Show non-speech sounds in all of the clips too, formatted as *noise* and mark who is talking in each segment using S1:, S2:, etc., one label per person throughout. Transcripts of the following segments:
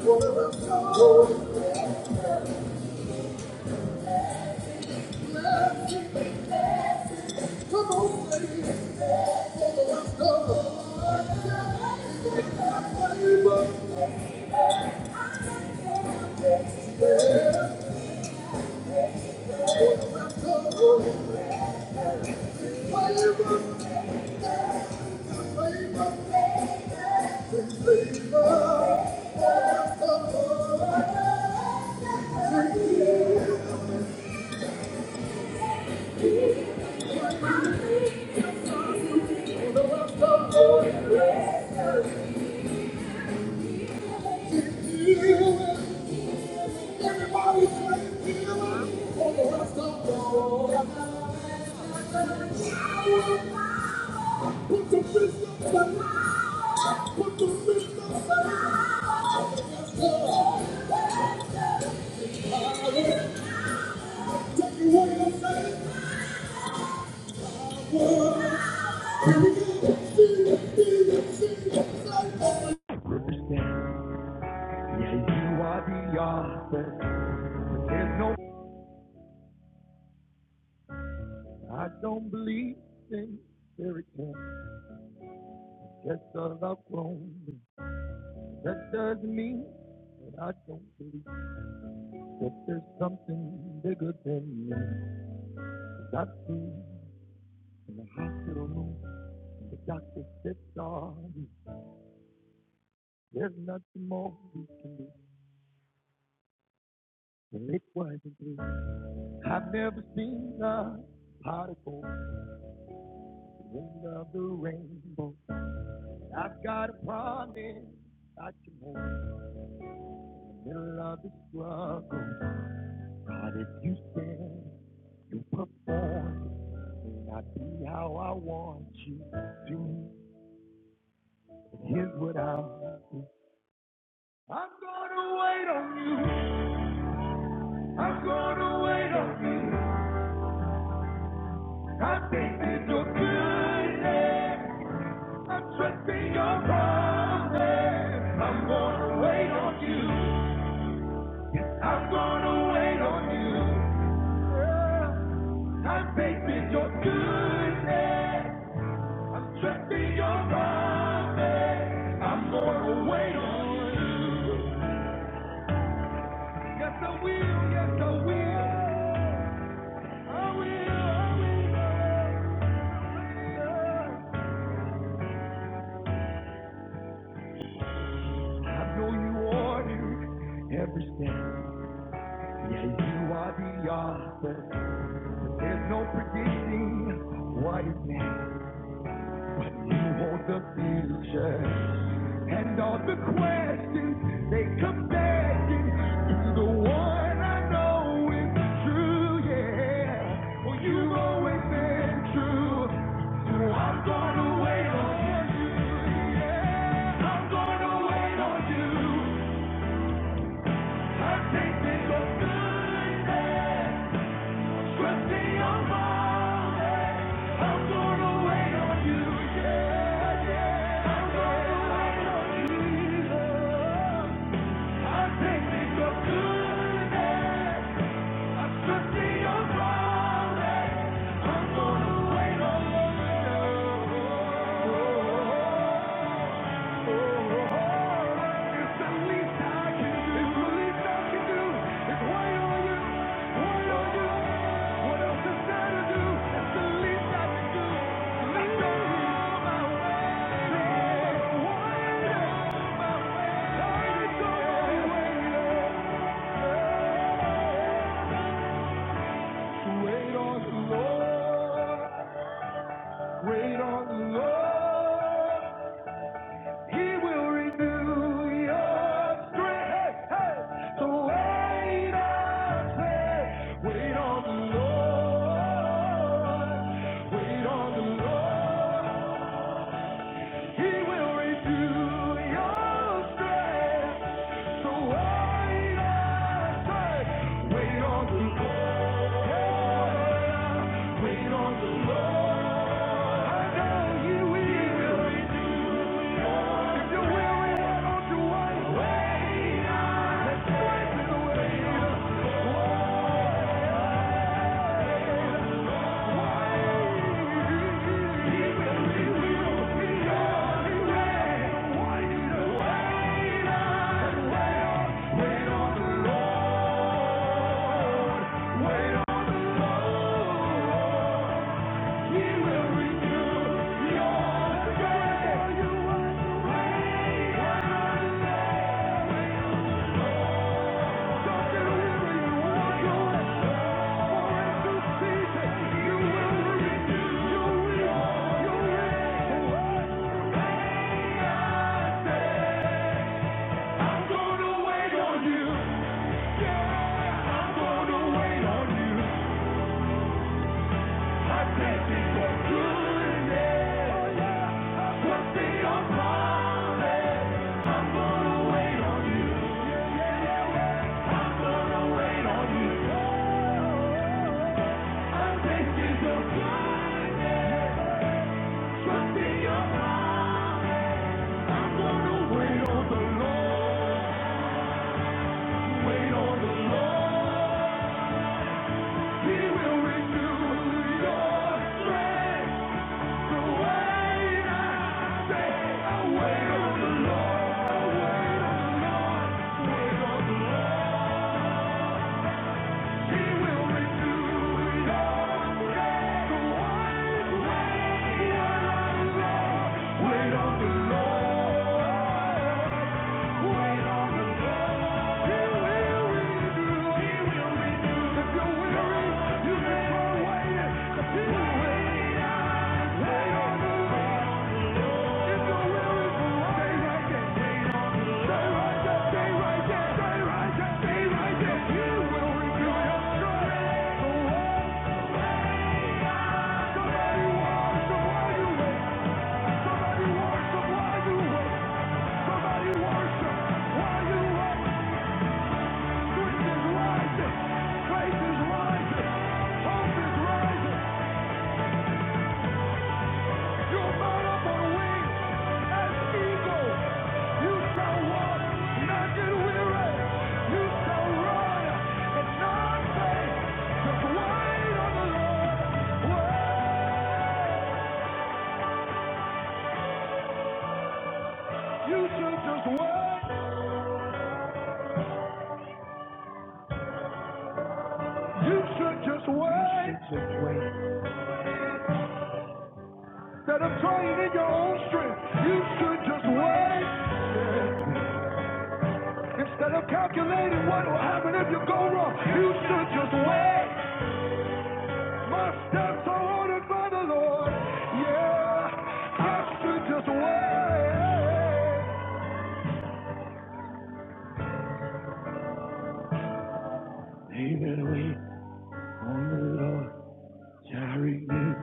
S1: Thank you. Put the Put Put up up the line. Take away the same word. Here we go. See, see, see, see.
S2: Represent. Yeah, you are the author. There's no, I don't believe in fairy tales. Just a love grown. That doesn't mean that I don't believe that there's something bigger than me. i I've seen in the hospital room, the doctor said, sorry, there's nothing more we can do. And it wasn't true. I've never seen the particle, the end of the rainbow. I've got a promise I can hold in the middle of the struggle. God, if you stand, you perform. May not be how I want you to. But here's what i am doing. I'm gonna wait on you. I'm gonna wait on you. I'm thinking your goodness. I'm trusting your promise. I'm gonna wait on you. Yes, I'm gonna wait on you. I'm facing your goodness. I'm trusting your promise. I'm gonna wait on you. Yes, I will. Yes, I will. I will. I will. I know you ordered every step. Yeah, you are the author. There's no predicting what is next. You want the future and all the questions they come begging to the one I know is true. Yeah, well you've always been true, so I'm gonna wait on you. Yeah, I'm gonna wait on you. I think there's a good day. Yeah. Yeah. Wait on the Lord. Wait on the Lord. He will renew your strength. Hey, So wait on faith. Wait on the Lord. Wait on the Lord. He will renew your strength. So wait on faith. Wait on the Lord. Wait on the Lord. I know He will. If you will, we want to wait. Wait on. Let's He will renew. He will Wait on the Lord. Wait on the Lord. He will renew your strength. Wait until you. For in due you will renew your will. Your will. I'm gonna wait on you. I'm gonna wait on you. I thank you for goodness. Wait on the Lord. wait on the Lord, wait on the Lord. Yeah. Faith is rising. Hope is rising. You mount up on wings as eagles. You shall walk, not get weary. You shall run and not faint. Just wait on the Lord. Wait. You should just wait. You should just wait. Instead of trying in your own strength, you should just wait. Instead of calculating what will happen if you go wrong, you should just wait. My steps Yeah, wait. on the Lord shall renew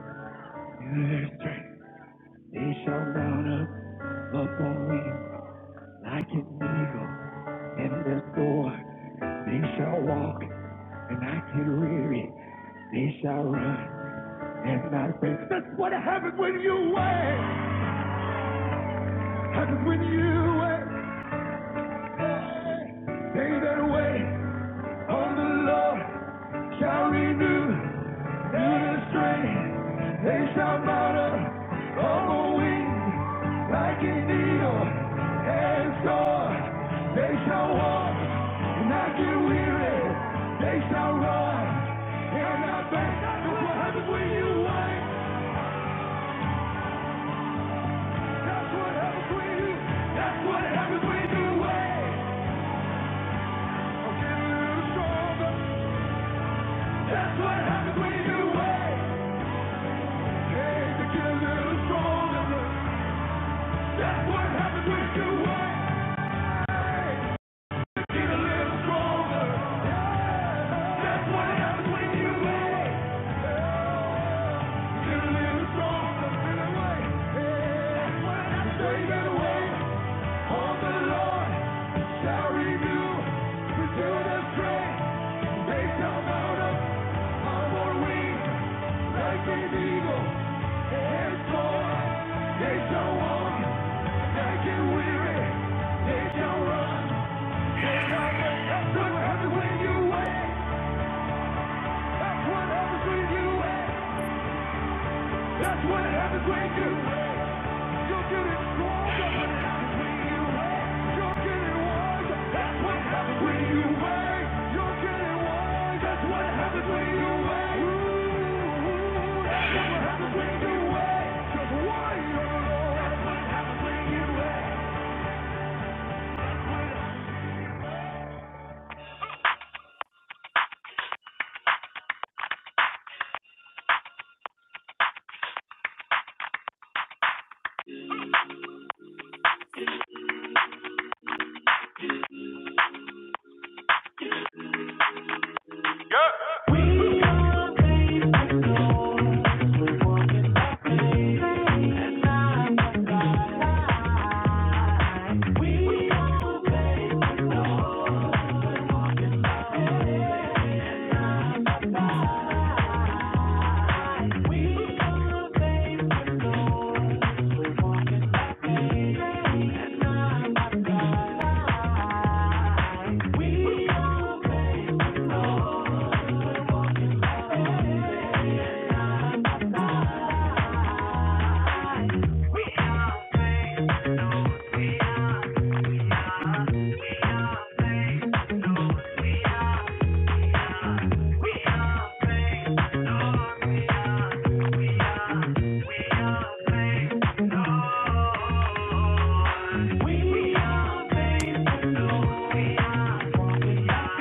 S2: their strength. They shall mount up upon wings like an In the storm they shall walk and not get weary. They shall run. That's what happens when you wait. Happens when you wait. They that wait on the Lord Shall renew their strength. They shall mount up on the wing like an eagle and soar. They shall walk and not get weary. They shall run and not faint. That's what happens when you wait. That's what happens when you. That's what happens when you wait. I'm getting a little stronger. That's what happens when you wait. Hey, to get a little stronger. That's what happens when you wait. Get a little stronger. That's what happens when you wait. Get a little stronger. That's what happens when you wait. On the Lord shall renew. Renew their strength. They come out of our wings like an eagle. That's what happens when you wait. Just why you don't know We are.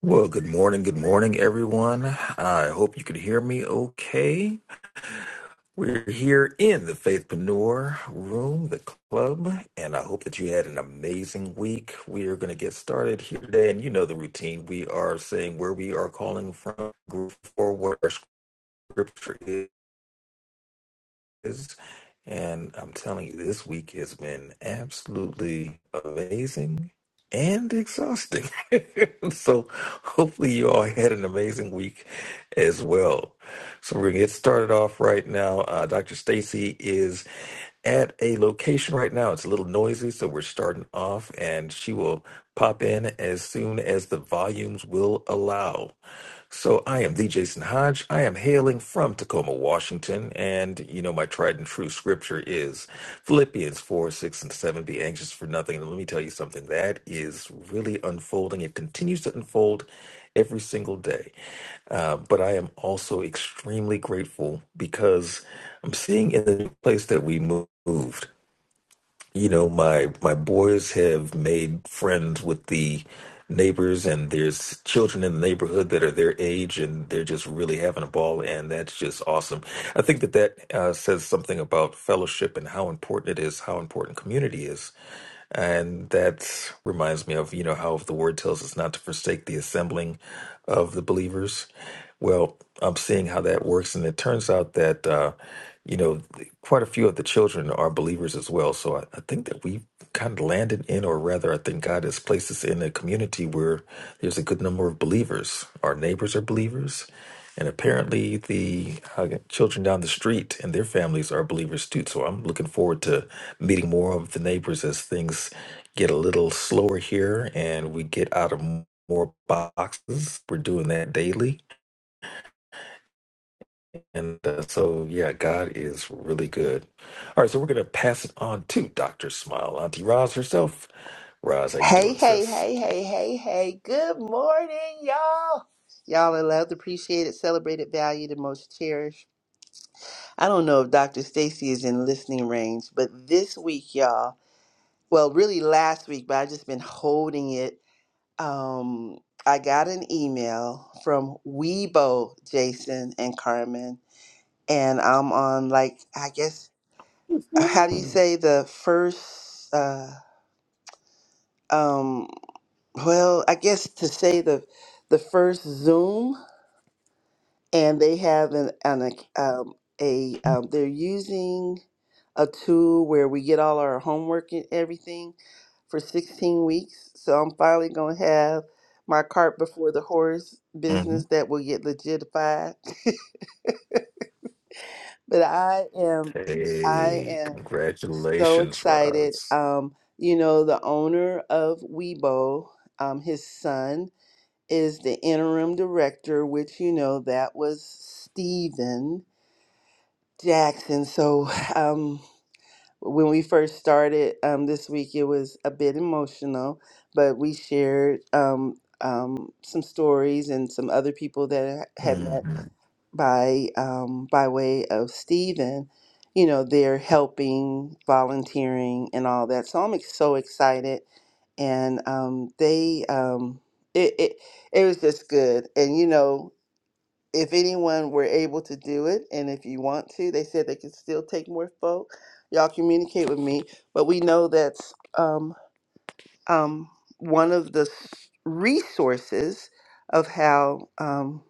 S3: Well, good morning, good morning, everyone. I hope you can hear me okay. We're here in the Faithpreneur room, the club, and I hope that you had an amazing week. We are going to get started here today, and you know the routine. We are saying where we are calling from, group forward, our scripture is. is. And I'm telling you, this week has been absolutely amazing and exhausting. *laughs* so hopefully you all had an amazing week as well. So we're gonna get started off right now. Uh, Dr. Stacy is at a location right now. It's a little noisy, so we're starting off, and she will pop in as soon as the volumes will allow. So I am the Jason Hodge. I am hailing from Tacoma, Washington, and you know my tried and true scripture is Philippians four, six, and seven. Be anxious for nothing. And let me tell you something that is really unfolding. It continues to unfold every single day. Uh, but I am also extremely grateful because I'm seeing in the place that we moved you know my my boys have made friends with the neighbors and there's children in the neighborhood that are their age and they're just really having a ball and that's just awesome i think that that uh, says something about fellowship and how important it is how important community is and that reminds me of, you know, how the word tells us not to forsake the assembling of the believers. Well, I'm seeing how that works. And it turns out that, uh, you know, quite a few of the children are believers as well. So I, I think that we kind of landed in, or rather, I think God has placed us in a community where there's a good number of believers. Our neighbors are believers. And apparently, the uh, children down the street and their families are believers too. So I'm looking forward to meeting more of the neighbors as things get a little slower here and we get out of m- more boxes. We're doing that daily. And uh, so, yeah, God is really good. All right, so we're going to pass it on to Dr. Smile, Auntie Roz herself. Roz, how you
S4: Hey,
S3: doing,
S4: hey,
S3: sis?
S4: hey, hey, hey, hey. Good morning, y'all. Y'all are loved, appreciated, celebrated, valued, and most cherished. I don't know if Dr. Stacy is in listening range, but this week, y'all, well, really last week, but I've just been holding it. Um, I got an email from Weibo, Jason and Carmen, and I'm on like, I guess, how do you
S3: hmm
S4: say the first, uh, um, Well, I guess to say the the first Zoom, and they have an, an um, a um, they're using a tool where we get all our homework and everything for 16 weeks. So I'm finally gonna have my cart before the horse business that will get legitified. *laughs* but I am I
S3: Hey,
S4: am so
S3: congratulations,
S4: excited.
S3: Roz.
S4: Um, you know, the owner of Weibo, um, his son. is the interim director, which you know that was Steven Jackson. So um, when we first started um, this week, it was a bit emotional, but we shared um, um, some stories and some other people that I had
S3: hmm
S4: met by um, by way of Stephen, you know, they're helping, volunteering, and all that. So I'm ex- so excited, and um, they um, it, it it was just good. And you know, if anyone were able to do it, and if you want to, they said they could still take more folk. Y'all communicate with me, but we know that's. um, um, one of the s- resources of how um,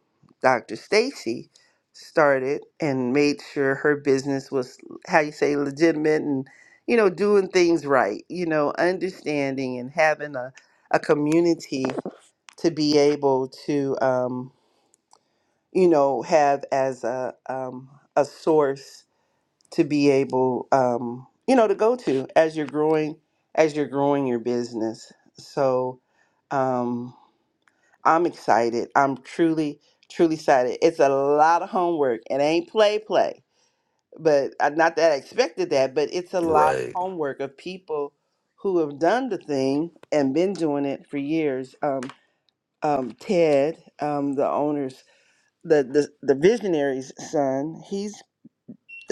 S4: Dr. Stacy started and made sure her business was how you say legitimate and you know doing things right you know understanding and having a, a community to be able to um, you know have as a um, a source to be able um, you know to go to as you're growing as you're growing your business so um, i'm excited i'm truly truly excited it's a lot of homework it ain't play play but uh, not that i expected that but it's a lot of
S3: Right.
S4: homework of people who have done the thing and been doing it for years um, um, ted um, the owner's the, the the visionary's son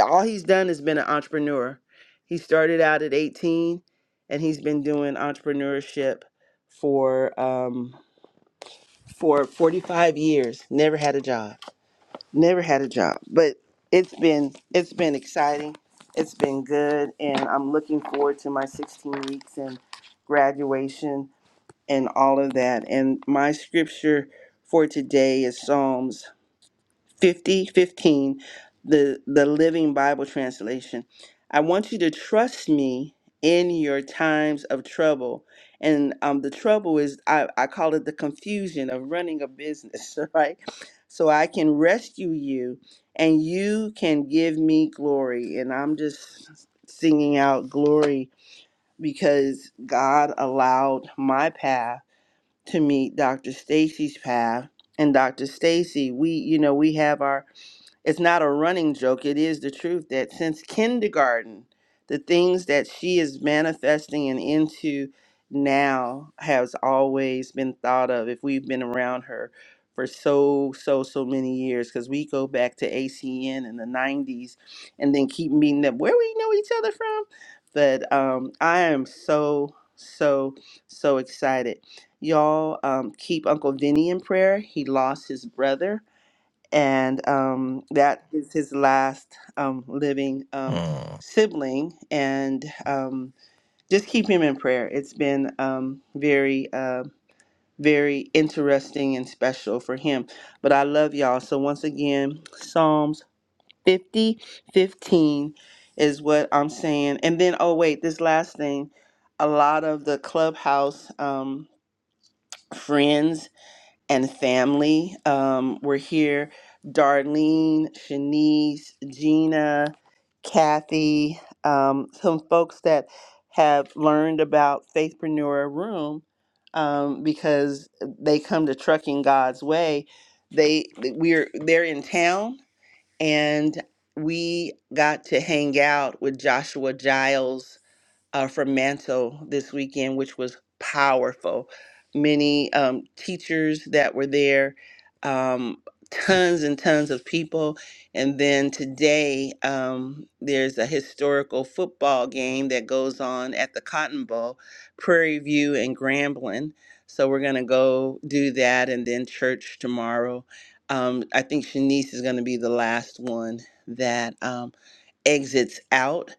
S4: all he's done is been an entrepreneur. He started out at 18 and he's been doing entrepreneurship for um for 45 years. Never had a job. Never had a job. But it's been it's been exciting. It's been good and I'm looking forward to my 16 weeks and graduation and all of that. And my scripture for today is Psalms 5015 the the living bible translation i want you to trust me in your times of trouble and um, the trouble is I, I call it the confusion of running a business *laughs* right so i can rescue you and you can give me glory and i'm just singing out glory because god allowed my path to meet dr stacy's path and dr stacy we you know we have our it's not a running joke. It is the truth that since kindergarten, the things that she is manifesting and into now has always been thought of if we've been around her for so so so many years because we go back to acn in the 90s and then keep meeting up where we know each other from but um i am so so so excited y'all um keep uncle vinny in prayer he lost his brother and um, that is his last um, living um,
S3: Mm,
S4: sibling. And um, just keep him in prayer. It's been um, very, uh, very interesting and special for him. But I love y'all. So, once again, Psalms 50 15 is what I'm saying. And then, oh, wait, this last thing a lot of the clubhouse um, friends and family. Um, we're here, Darlene, Shanice, Gina, Kathy, um, some folks that have learned about Faithpreneur Room um, because they come to Trucking God's Way. They we're they're in town and we got to hang out with Joshua Giles uh, from Mantle this weekend, which was powerful. Many um, teachers that were there, um, tons and tons of people. And then today, um, there's a historical football game that goes on at the Cotton Bowl, Prairie View and Grambling. So we're going to go do that and then church tomorrow. Um, I think Shanice is going to be the last one that. um, exits out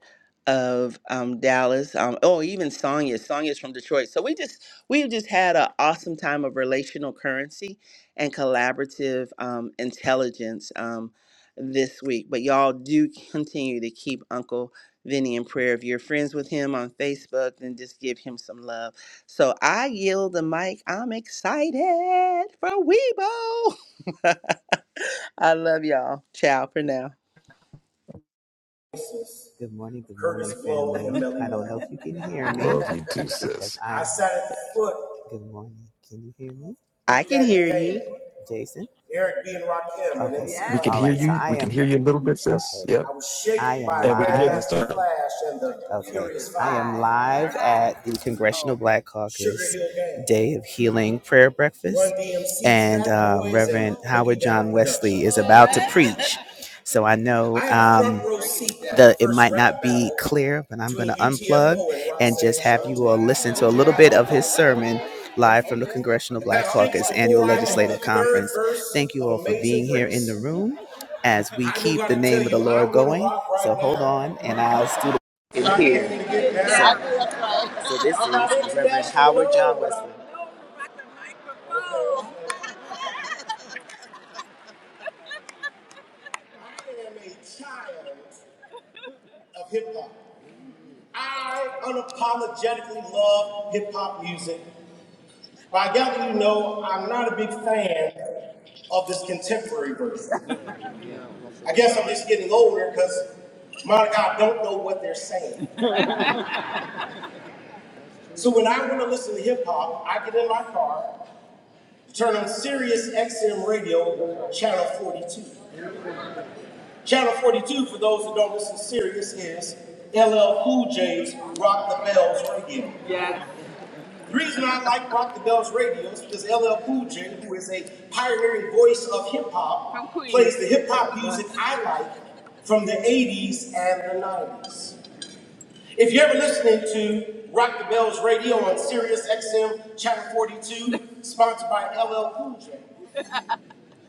S4: of um, Dallas. Um, oh, even Sonya. Sonya's from Detroit. So we just we've just had an awesome time of relational currency and collaborative um, intelligence um, this week. But y'all do continue to keep Uncle Vinny in prayer. If you're friends with him on Facebook, then just give him some love. So I yield the mic. I'm excited for Weibo. *laughs* I love y'all. Ciao for now.
S1: Good morning, good morning, Curtis Blow family. Melly I don't know if you can hear me
S3: love you too,
S1: because
S3: sis.
S1: *laughs* I I. sat at the foot. Good morning. Can you hear me, Big
S4: I can
S1: Daddy
S4: hear you.
S1: Kane, Jason? Eric B. and Rakim, Okay. MC
S3: We
S1: Light.
S3: can
S1: All
S3: hear
S1: right. Yes. So
S3: you.
S1: I
S3: We can
S1: am.
S3: hear you a little bit,
S1: Okay.
S3: sis. Yep.
S1: I was shaken I am by
S3: And
S1: live.
S3: we can hear this.
S1: Grandmaster
S3: turn.
S1: Flash and the Okay. Furious Five. I am live at the Congressional Black Sugar Caucus Sugar Hill Gang, Day of Healing Prayer Breakfast, Run Breakfast, DMC, and Fat uh, Boys, Reverend Boogie Howard John Wesley is about to preach. So I know um, the it might not be clear, but I'm going to unplug and just have you all listen to a little bit of his sermon live from the Congressional Black Caucus Annual Legislative Conference. Thank you all for being here in the room as we keep the name of the Lord going. So hold on, and I'll still is here. So, so this is Reverend Howard John Wesley. Of hip hop, I unapologetically love hip hop music. But I gather you know I'm not a big fan of this contemporary version. I guess I'm just getting older because Monica, I don't know what they're saying. So when I want to listen to hip hop, I get in my car Turn on Sirius XM Radio, Channel 42. Channel 42, for those who don't listen to Sirius, is LL Cool J's Rock the Bells Radio. The reason I like Rock the Bells Radio is because LL Cool J, who is a pioneering voice of hip hop, plays the hip hop music I like from the 80s and the 90s. If you're ever listening to Rock the Bells Radio on Sirius XM Channel 42, sponsored by LL Cool J,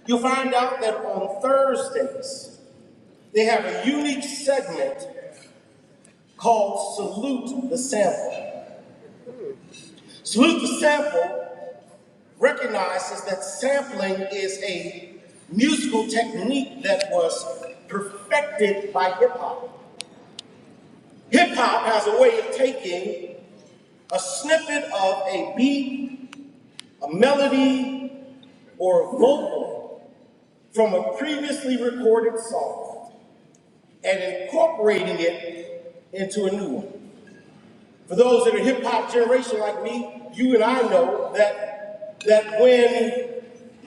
S1: You'll find out that on Thursdays, they have a unique segment called Salute the Sample. Salute the Sample recognizes that sampling is a musical technique that was perfected by hip hop. Hip hop has a way of taking a snippet of a beat, a melody, or a vocal from a previously recorded song and incorporating it into a new one. For those that are hip hop generation like me, you and I know that that when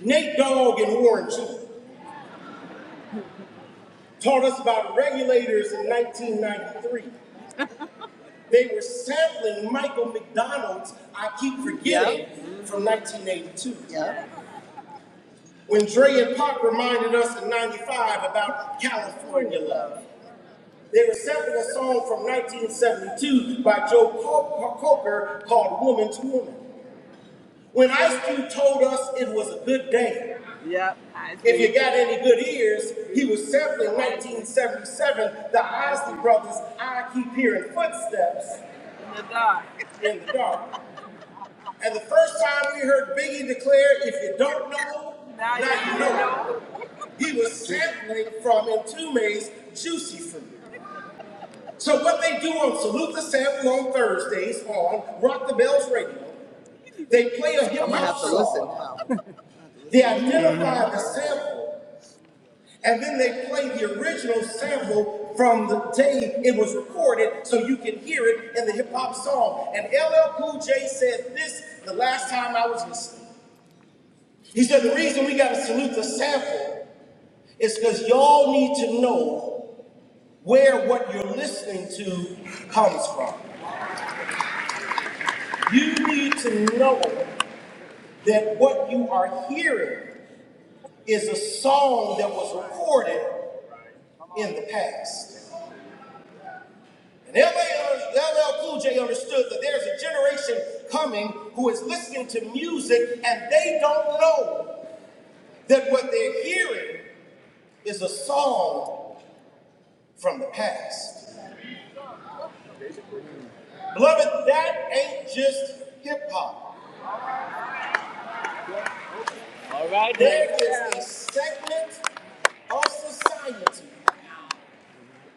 S1: Nate Dogg and Warren G taught us about regulators in 1993, they were sampling Michael McDonald's I Keep Forgetting Yep. from 1982. Yep. When Dre and Pop reminded us in 95 about California love. They were sampling a song from 1972 by Joe Cocker called Woman to Woman. When Ice Cube told us it was a good day, Yep. if you got any good ears, he was sampling 1977, the Isley Brothers' I Keep Hearing Footsteps. In the dark. In the dark. *laughs* And the first time we heard Biggie declare, if you don't know, now, now you know. know. He was sampling from Entombed's Juicy Fruit. So what they do on Salute the Sample on Thursdays on Rock the Bells Radio, they play a hip hop song, they identify the sample, and then they play the original sample from the day it was recorded so you can hear it in the hip hop song. And LL Cool J said this the last time I was listening. He said the reason we gotta salute the sample is because y'all need to know where what you're listening to comes from. You need to know that what you are hearing is a song that was recorded in the past. And LL, LL Cool J understood that there's a generation coming who is listening to music and they don't know that what they're hearing is a song from the past. Beloved, that ain't just hip hop. All right, there is a segment of society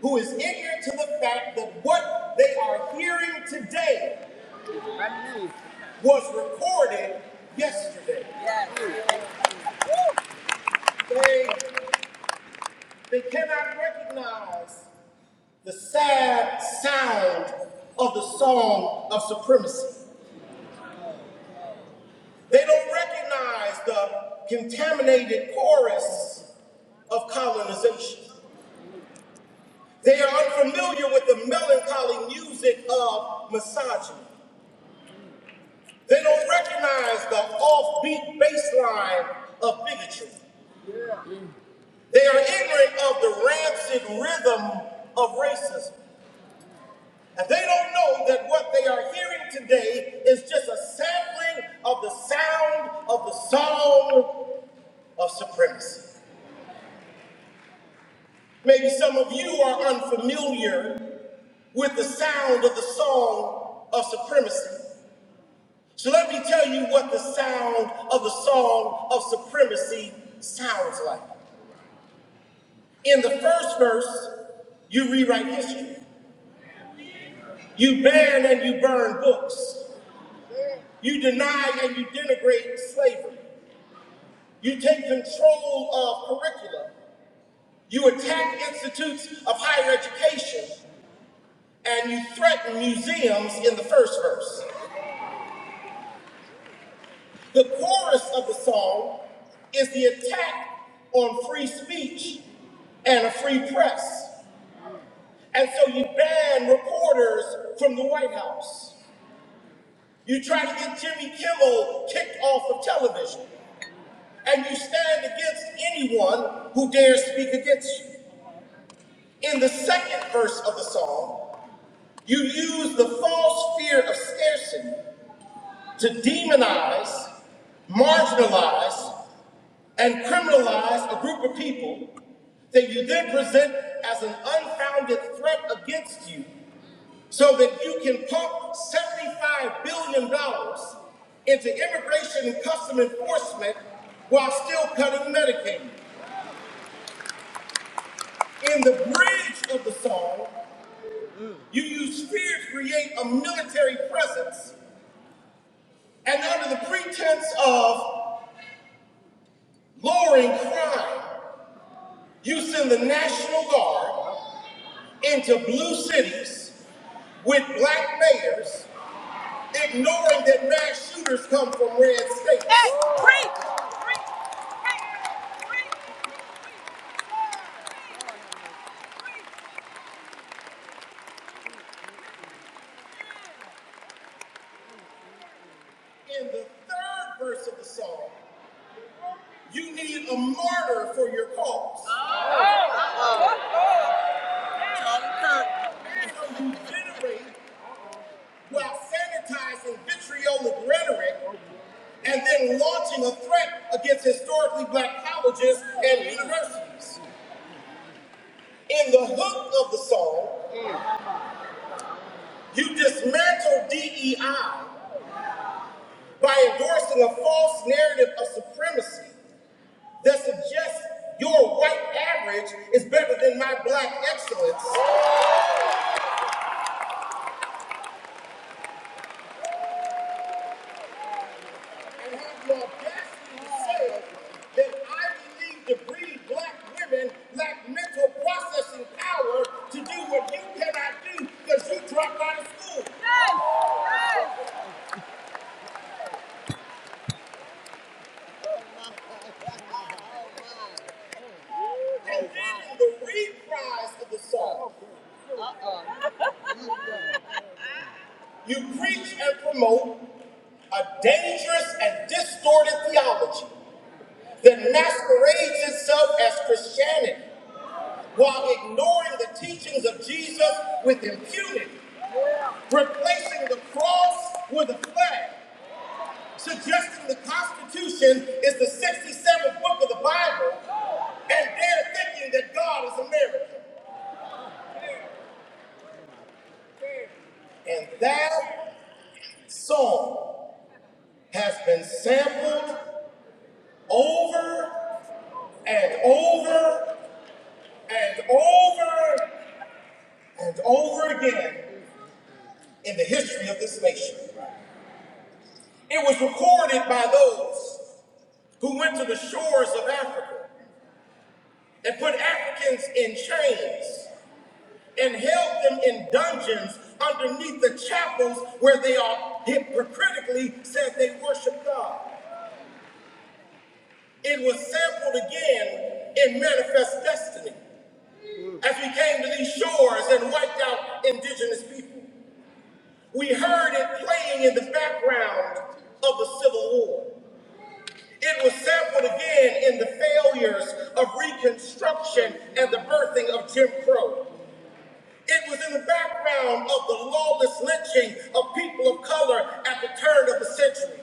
S1: who is ignorant to the fact that what they are hearing today was recorded yesterday. They, they cannot recognize the sad sound of the song of supremacy. They don't recognize the contaminated chorus of colonization. They are unfamiliar with the melancholy music of misogyny. They don't recognize the offbeat bass line of bigotry. They are ignorant of the rancid rhythm of racism. And they don't know that what they are hearing today is just a sampling of the sound of the song of supremacy. Maybe some of you are unfamiliar with the sound of the song of supremacy. So let me tell you what the sound of the song of supremacy sounds like. In the first verse, you rewrite history. You ban and you burn books. You deny and you denigrate slavery. You take control of curricula. You attack institutes of higher education. And you threaten museums in the first verse. The chorus of the song is the attack on free speech and a free press. And so you ban reporters from the White House. You try to get Jimmy Kimmel kicked off of television. and you stand against anyone who dares speak against you. In the second verse of the psalm, you use the false fear of scarcity to demonize, marginalize, and criminalize a group of people that you then present as an unfounded threat against you so that you can pump $75 billion dollars into immigration and custom enforcement while still cutting Medicaid. In the bridge of the song, you use fear to create a military presence, and under the pretense of lowering crime, you send the National Guard into blue cities with black mayors, ignoring that mass shooters come from red states. In the third verse of the song, you need a martyr for your cause. So you generate while sanitizing vitriolic rhetoric and then launching a threat against historically black colleges and universities. In the hook of the song, you dismantle DEI by endorsing a false narrative of supremacy that suggests your white average is better than my black excellence, and have the audacity to say that Ivy League degree black women lack mental processing power to do what you cannot do because you dropped out of school. Yes. And then in the reprise of the song, you preach and promote a dangerous and distorted theology that masquerades itself as Christianity while ignoring the teachings of Jesus with impunity, replacing the cross with a flag, suggesting the Constitution is the 67th book of the Bible, and they're thinking that God is American. And that song has been sampled over and over and over and over again in the history of this nation. It was recorded by those who went to the shores of Africa and put Africans in chains and held them in dungeons underneath the chapels where they all hypocritically said they worship God. It was sampled again in Manifest Destiny. As we came to these shores and wiped out indigenous people, we heard it playing in the background of the Civil War. It was sampled again in the failures of Reconstruction and the birthing of Jim Crow. It was in the background of the lawless lynching of people of color at the turn of the century.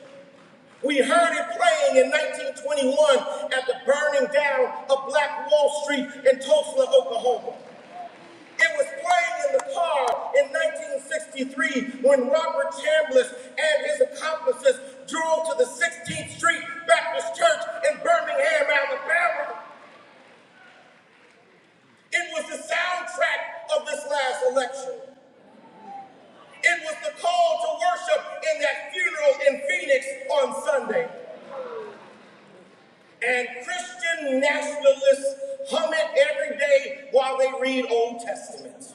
S1: We heard it playing in 1921 at the burning down of Black Wall Street in Tulsa, Oklahoma. It was playing in the car in 1963 when Robert Chambliss and his accomplices drove to the 16th Street Baptist Church in Birmingham, Alabama. It was the soundtrack of this last election. It was the call to worship in that funeral in Phoenix on Sunday. And Christian nationalists hum it every day while they read Old Testament.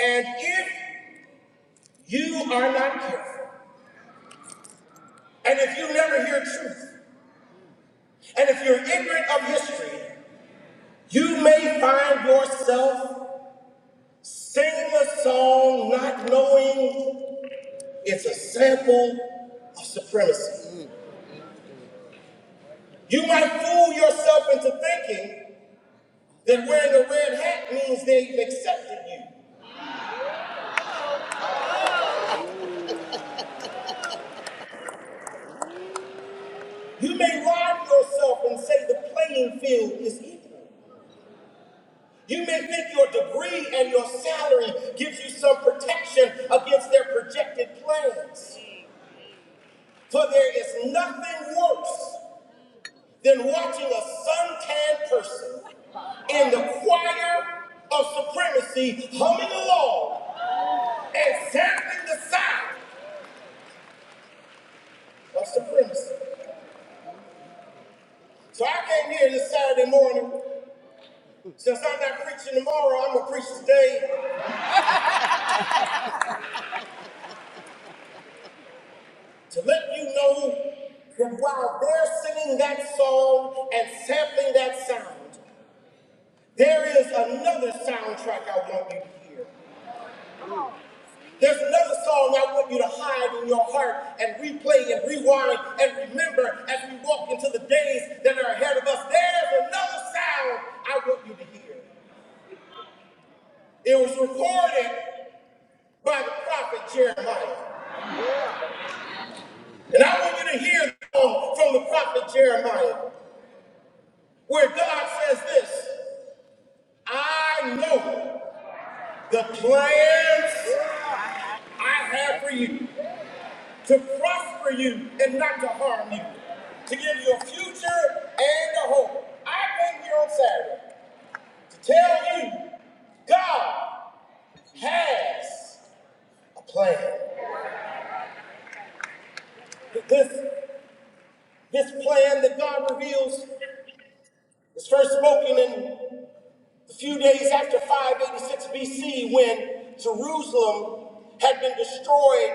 S1: And if you are not careful, And if you never hear truth, and if you're ignorant of history, you may find yourself singing a song not knowing it's a sample of supremacy. You might fool yourself into thinking that wearing a red hat means they've accepted you. You may lie to yourself and say the playing field is equal. You may think your degree and your salary gives you some protection against their projected plans. For there is nothing worse than watching a suntanned person in the choir of supremacy humming along and sampling the sound of supremacy. So I came here this Saturday morning. Since I'm not preaching tomorrow, I'm going to preach today to let you know that while they're singing that song and sampling that sound, there is another soundtrack I want you to hear. There's another song I want you to hide in your heart and replay and rewind and remember as we walk into the days that are ahead of us. There's another sound I want you to hear. It was recorded by the prophet Jeremiah. And I want you to hear the song from the prophet Jeremiah, where God says this I know the plans I have for you. to prosper you and not to harm you, to give you a future and a hope. I came here on Saturday to tell you God has a plan. This, this plan that God reveals is first spoken in A few days after 586 BC, when Jerusalem had been destroyed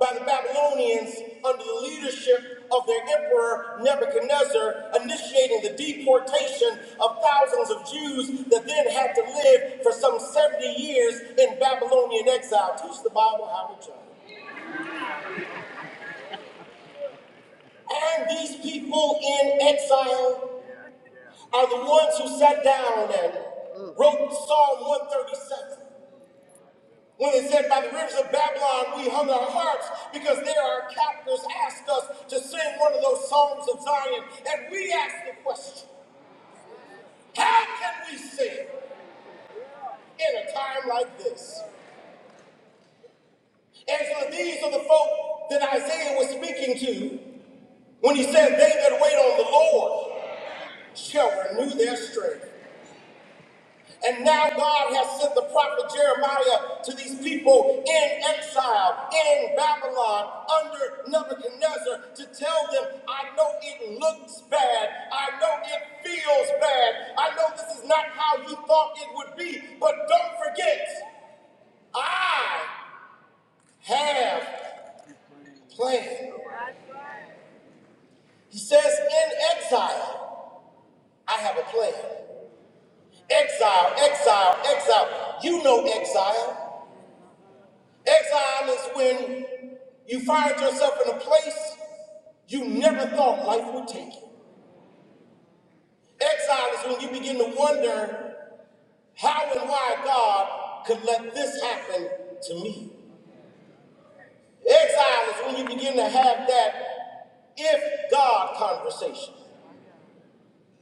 S1: by the Babylonians under the leadership of their emperor Nebuchadnezzar, initiating the deportation of thousands of Jews that then had to live for some 70 years in Babylonian exile. Teach the Bible how to judge. And these people in exile are the ones who sat down and wrote Psalm 137. When it said, By the rivers of Babylon we hung our harps, because there our captors asked us to sing one of those songs of Zion. And we asked the question, How can we sing in a time like this? And so these are the folk that Isaiah was speaking to when he said, They that wait on the Lord shall renew their strength. And now God has sent the prophet Jeremiah to these people in exile, in Babylon, under Nebuchadnezzar, to tell them, I know it looks bad. I know it feels bad. I know this is not how you thought it would be, but don't forget, I have a plan. He says, in exile, I have a plan. Exile, exile, exile. You know exile. Exile is when you find yourself in a place you never thought life would take you. Exile is when you begin to wonder how and why God could let this happen to me. Exile is when you begin to have that if God conversation.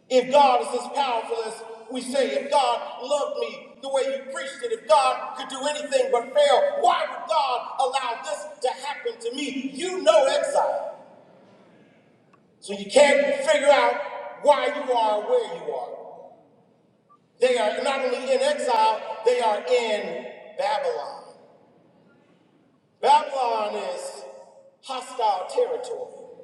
S1: If God is as powerful as we say, if God loved me the way you preached it, if God could do anything but fail, why would God allow this to happen to me? You know exile. So you can't figure out why you are where you are. They are not only in exile, they are in Babylon. Babylon is hostile territory.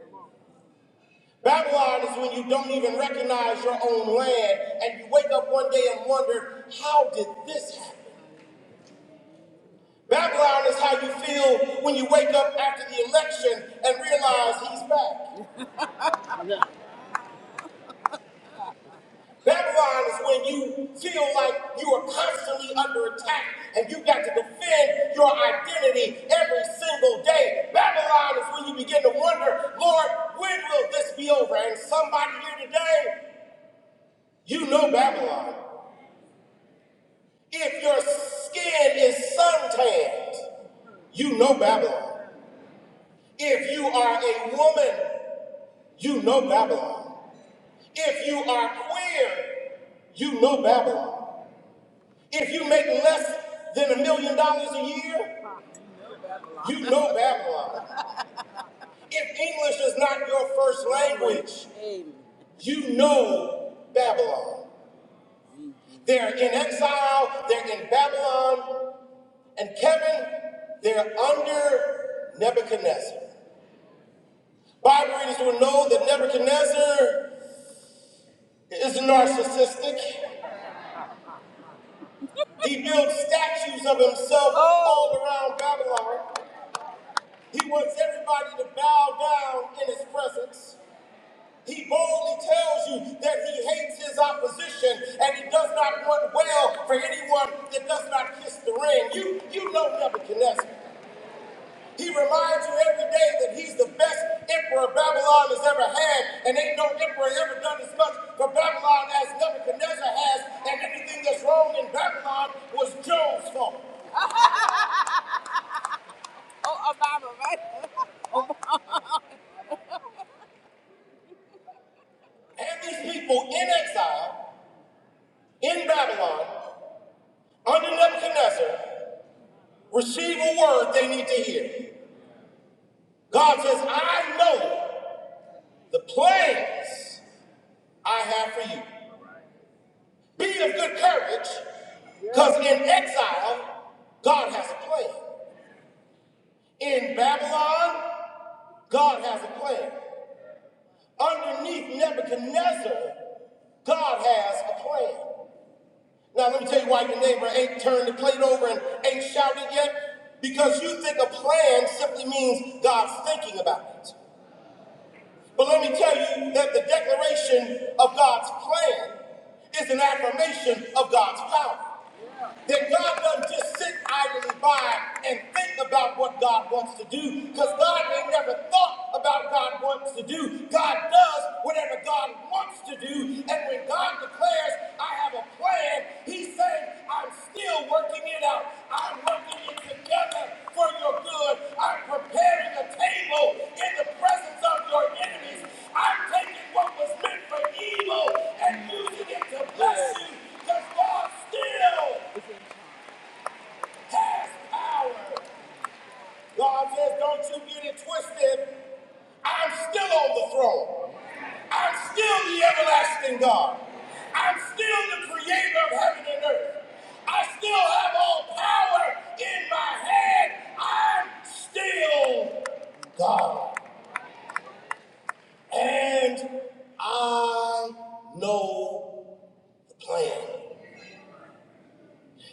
S1: Babylon is when you don't even recognize your own land and you wake up one day and wonder, how did this happen? Babylon is how you feel when you wake up after the election and realize he's back. Babylon is when you feel like you are constantly under attack and you got to defend your identity every single day. Babylon is when you begin to wonder, Lord, when will this be over? And somebody here today, you know Babylon. If your skin is suntanned, you know Babylon. If you are a woman, you know Babylon. If you are queer, you know Babylon. If you make less than a million dollars a year, you know Babylon. If English is not your first language, you know Babylon. They're in exile, they're in Babylon, and Kevin, they're under Nebuchadnezzar. Bible readers will know that Nebuchadnezzar is narcissistic. He builds statues of himself all around Babylon. He wants everybody to bow down in his presence. He boldly tells you that he hates his opposition and he does not want well for anyone that does not kiss the ring. You, you know Nebuchadnezzar. He reminds you every day that he's the best emperor Babylon has ever had, and ain't no emperor ever done as much for Babylon as Nebuchadnezzar has, and anything that's wrong in Babylon was Joe's fault. Oh, Obama, right? And these people in exile, in Babylon, under Nebuchadnezzar, receive a word they need to hear. God says, I know the plans I have for you. Be of good courage, because in exile, God has a plan. In Babylon, God has a plan. Underneath Nebuchadnezzar, God has a plan. Now, let me tell you why your neighbor ain't turned the plate over and ain't shouted yet. Because you think a plan simply means God's thinking about it. But let me tell you that the declaration of God's plan is an affirmation of God's power. That God doesn't just sit idly by and think about what God wants to do, because God ain't never thought about God wants to do. God does whatever God wants to do, and when God declares, I have a plan, He's saying, I'm still working it out. I'm working it together for your good. I'm preparing a table in the presence of your enemies. I'm taking what was meant for evil and using it to bless you, because God still past hour. God says, don't you get it twisted. I'm still on the throne. I'm still the everlasting God. I'm still the creator of heaven and earth. I still have all power in my hand. I'm still God. And I know the plan.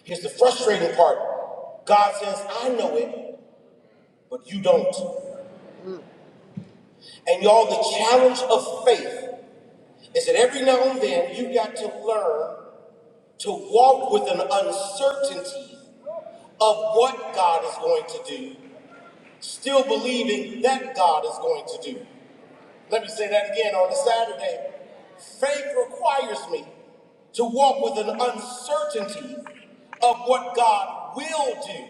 S1: Here's the frustrating part God says, I know it, but you don't. And y'all, the challenge of faith is that every now and then you got to learn to walk with an uncertainty of what God is going to do, still believing that God is going to do. Let me say that again on a Saturday. Faith requires me to walk with an uncertainty of what God will do,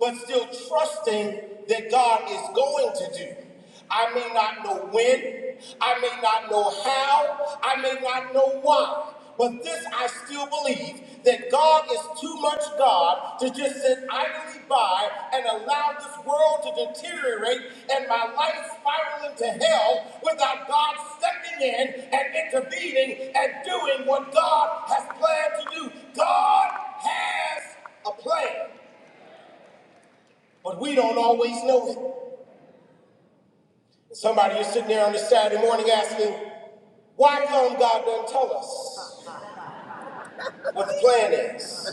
S1: but still trusting that God is going to do. I may not know when, I may not know how, I may not know why, but this I still believe that God is too much God to just sit idly by and allow this world to deteriorate and my life spiral into hell without God stepping in and intervening and doing what God has planned to do. God has a plan, but we don't always know it. Somebody is sitting there on a Saturday morning asking, why come God doesn't tell us what the plan is?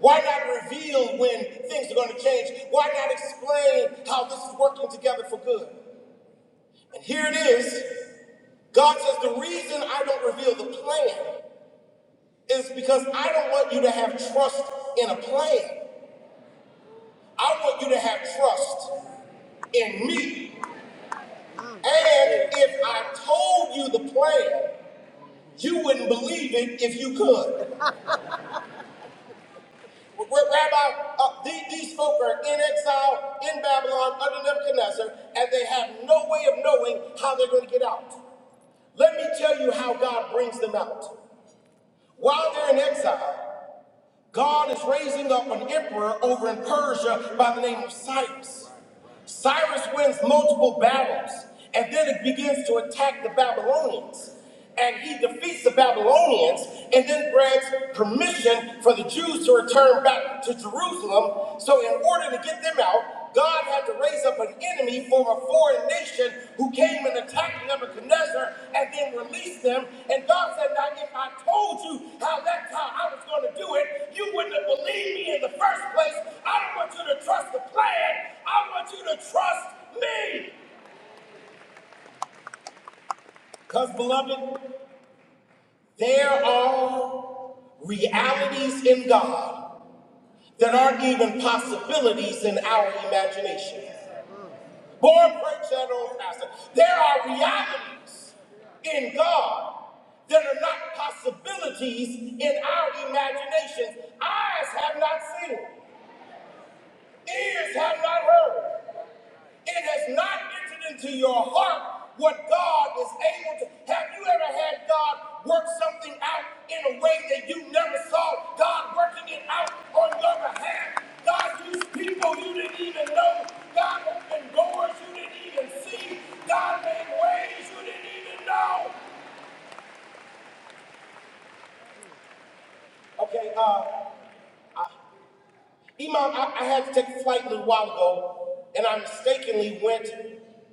S1: Why not reveal when things are going to change? Why not explain how this is working together for good? And here it is. God says the reason I don't reveal the plan is because I don't want you to have trust in a plan. I want you to have trust in me. And if I told you the plan, you wouldn't believe it if you could. Rabbi, uh, the- these folk are in exile in Babylon under Nebuchadnezzar, and they have no way of knowing how they're going to get out. Let me tell you how God brings them out. While they're in exile, God is raising up an emperor over in Persia by the name of Cyrus. Cyrus wins multiple battles, and then it begins to attack the Babylonians. And he defeats the Babylonians and then grants permission for the Jews to return back to Jerusalem. So, in order to get them out, God had to raise up an enemy for a foreign nation who came and attacked Nebuchadnezzar and then released them. And God said, Now, if I told you how that's how I was going to do it, you wouldn't have believed me in the first place. I don't want you to trust the plan, I want you to trust me. Because, beloved, there are realities in God that aren't even possibilities in our imagination. Born preach that old pastor. There are realities in God that are not possibilities in our imaginations. Eyes have not seen, ears have not heard. It has not entered into your heart what God is able to. Have you ever had God work something out in a way that you never saw God working it out on your behalf? God used people you didn't even know. God opened doors you didn't even see. God made ways you didn't even know. Okay, uh, Imam, I, I had to take a flight a little while ago, and I mistakenly went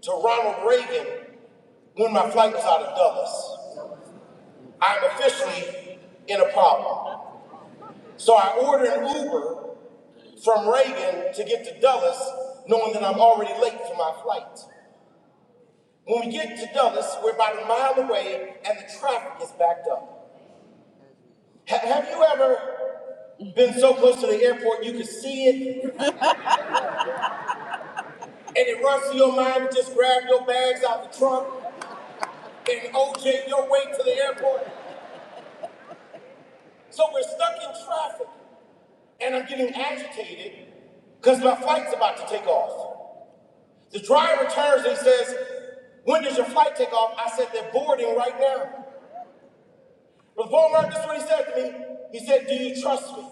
S1: to Ronald Reagan when my flight was out of Dulles. I'm officially in a problem. So I order an Uber from Reagan to get to Dulles, knowing that I'm already late for my flight. When we get to Dulles, we're about a mile away and the traffic is backed up. Ha- have you ever been so close to the airport you could see it and it runs through your mind to just grab your bags out the trunk and OJ your way to the airport? So we're stuck in traffic and I'm getting agitated because my flight's about to take off. The driver turns and he says, When does your flight take off? I said, They're boarding right now. Brother Palmer, this is what he said to me. He said, Do you trust me?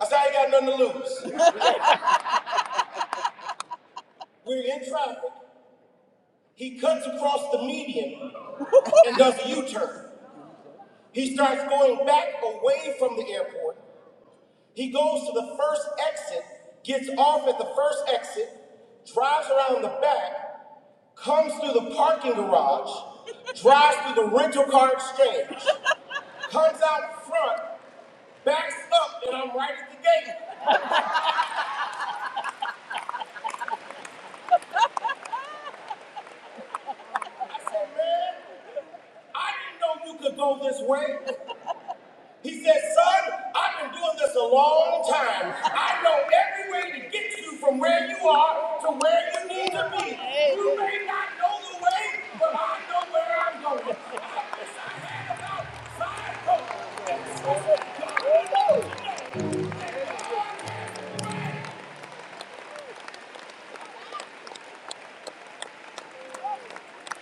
S1: I said, I ain't got nothing to lose. *laughs* We're in traffic. He cuts across the median *laughs* and does a U turn. He starts going back away from the airport. He goes to the first exit, gets off at the first exit, drives around the back, comes through the parking garage, *laughs* drives through the rental car exchange. comes out front, backs up, and I'm right at the gate. Oh, Man, I didn't know you could go this way. He said, son, I've been doing this a long time. I know every way to get you from where you are to where you need to be. You may not know the way, but I know where I'm going. I wish I had about,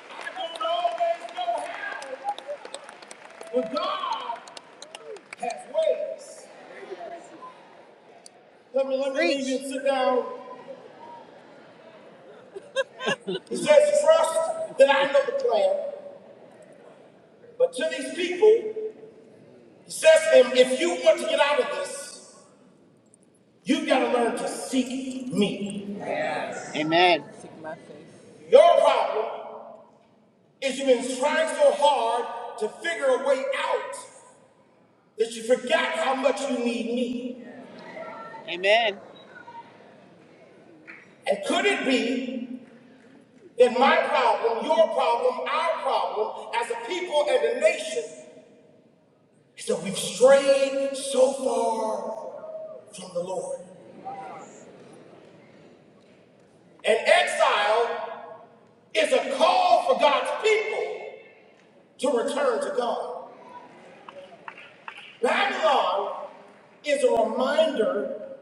S1: I don't always know how. But God has ways. Let me let me leave you and sit down. He says, trust that I know the plan. But to these people, he says to them, if you want to get out of this, you've got to learn to seek me. Amen. Your problem is you've been trying so hard to figure a way out that you forgot how much you need me. Amen. And could it be that my problem, your problem, our problem as a people and a nation is that we've strayed so far from the Lord? And exile is a call for God's people to return to God. Babylon is a reminder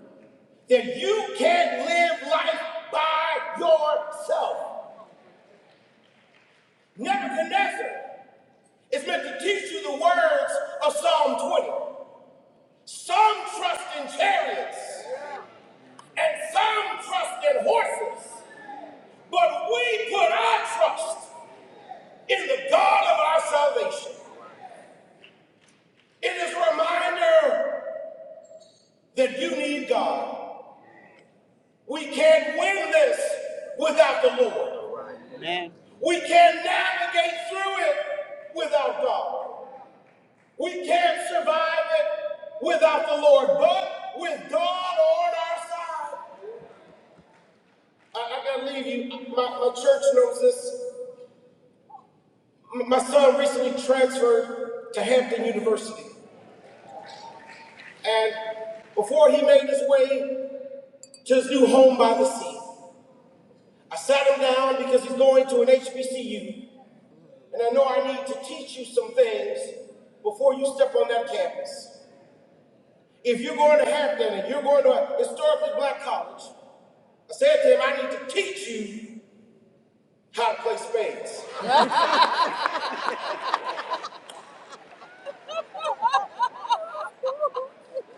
S1: that you can't live life by yourself. Nebuchadnezzar is meant to teach you the words of Psalm 20. Some trust in chariots and some trust in horses, but we put our trust in the God of our salvation. It is a reminder that you need God. We can't win this without the Lord. We can't navigate through it without God. We can't survive it without the Lord. But with God on our side, I, I gotta leave you. My, my church knows this. M- My son recently transferred to Hampton University, and before he made his way to his new home by the sea, I sat him down because he's going to an HBCU. And I know I need to teach you some things before you step on that campus. If you're going to Hampton and you're going to a historically black college, I said to him, I need to teach you how to play spades.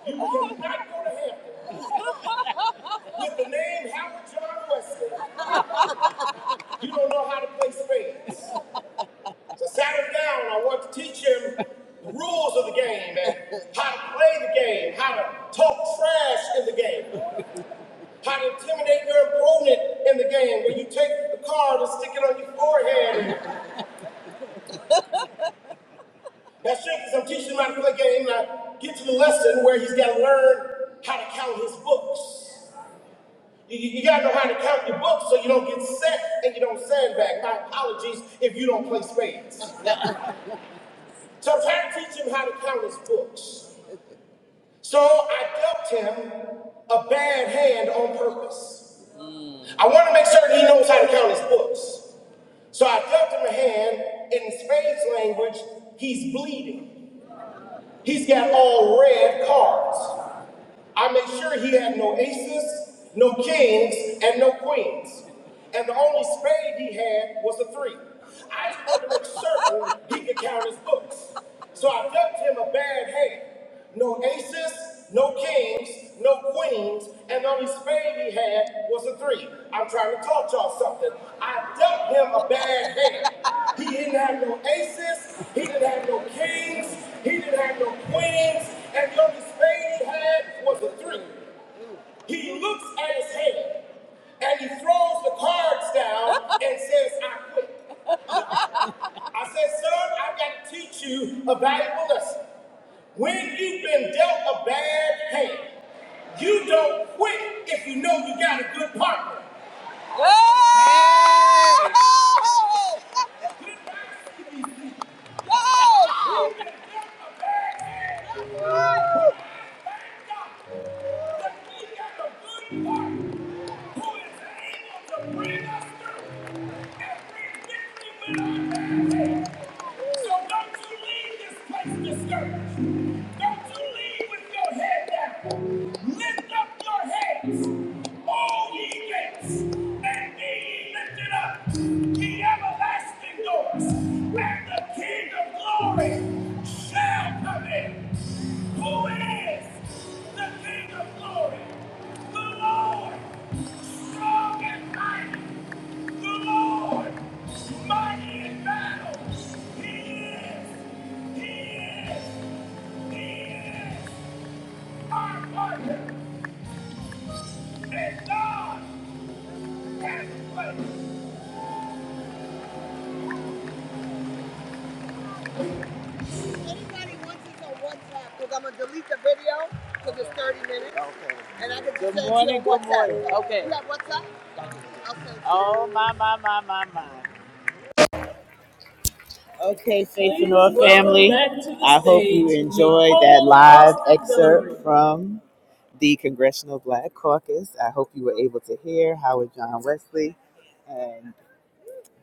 S1: You cannot go to Hampton with the name Howard John Wesley. You don't know how to play spades. So I sat him down and I wanted to teach him the rules of the game and how to play the game, how to talk trash in the game. How to intimidate your opponent in the game where you take the card and stick it on your forehead. That's true because I'm teaching him how to play game and I get to the lesson where he's got to learn how to count his books. You, you got to know how to count your books so you don't get set and you don't sandbag. My apologies if you don't play spades. So I'm trying to teach him how to count his books. So I dealt him a bad hand on purpose. I want to make certain he knows how to count his books. So I dealt him a hand in Spain's language. He's bleeding. He's got all red cards. I made sure he had no aces, no kings, and no queens. And the only spade he had was a three. I wanted to make certain he could count his books. So I dealt him a bad hand. No aces, no kings, no queens, and the only spade he had was a three. I'm trying to talk y'all something. I dealt him a bad hand. He didn't have no aces, he didn't have no kings, he didn't have no queens, and the only spade he had was a three. He looks at his hand and he throws the cards down and says, I quit. I said, son, I've got to teach you a valuable lesson. When you've been dealt a bad hand, you don't quit if you know you got a good partner. Oh! Lift up your heads, all ye gates, and ye lifted up everlasting doors, where the King of glory shall come in. Who is the King of glory? The Lord, strong and mighty. The Lord, mighty in battle. He is, he is, he is our partner. Okay. And I can Good just good say it to you morning, in good one time, morning. sentence. Okay. Oh, my, my, my, my, my. Okay, Faith and Lord family, I hope you enjoyed that live excerpt from the Congressional Black Caucus. I hope you were able to hear Howard John Wesley and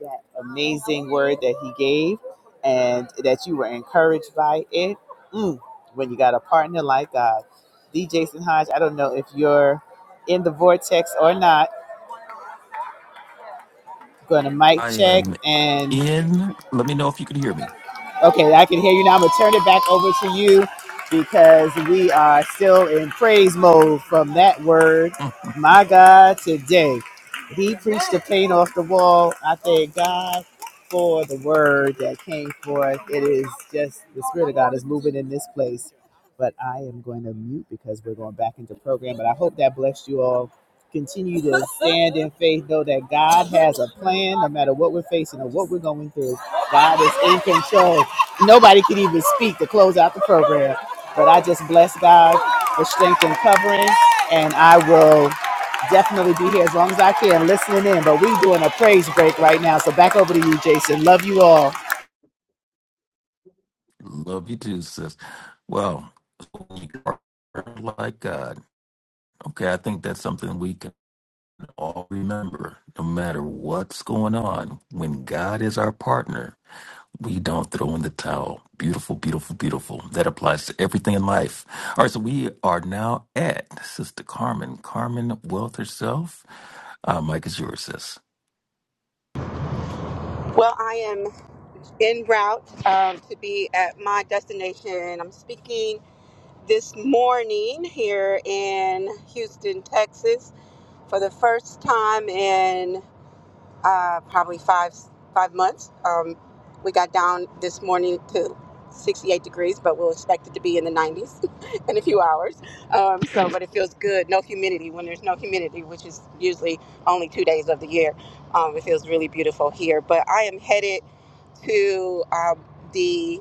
S1: that amazing word that he gave and that you were encouraged by it. Mm, when you got a partner like God. D. Jason Hodge, I don't know if you're in the vortex or not. Going to mic
S3: I
S1: check,
S3: am
S1: and
S3: in. Let me know if you can hear me.
S1: Okay, I can hear you now. I'm gonna turn it back over to you because we are still in praise mode from that word.
S3: *laughs*
S1: My God, today He preached the paint off the wall. I thank God for the word that came forth. It is just the Spirit of God is moving in this place. But I am going to mute because we're going back into program. But I hope that blessed you all. Continue to stand in faith, know that God has a plan no matter what we're facing or what we're going through. God is in control. Nobody could even speak to close out the program. But I just bless God for strength and covering. And I will definitely be here as long as I can listening in. But we're doing a praise break right now. So back over to you, Jason. Love you all.
S3: Mm, Love you too, sis. Well, we are like God. Okay, I think that's something we can all remember no matter what's going on. When God is our partner, We don't throw in the towel. Beautiful, beautiful, beautiful. That applies to everything in life. All right, so we are now at Sister Carmen. Carmen Wealth herself. Uh, Mike is yours, sis.
S5: Well, I am en route um, to be at my destination. I'm speaking this morning here in Houston, Texas, for the first time in uh, probably five five months. Um, we got down this morning to 68 degrees, but we'll expect it to be in the 90s *laughs* in a few hours. Um, *laughs* so, but it feels good. No humidity when there's no humidity, which is usually only two days of the year. Um, it feels really beautiful here. But I am headed to um, the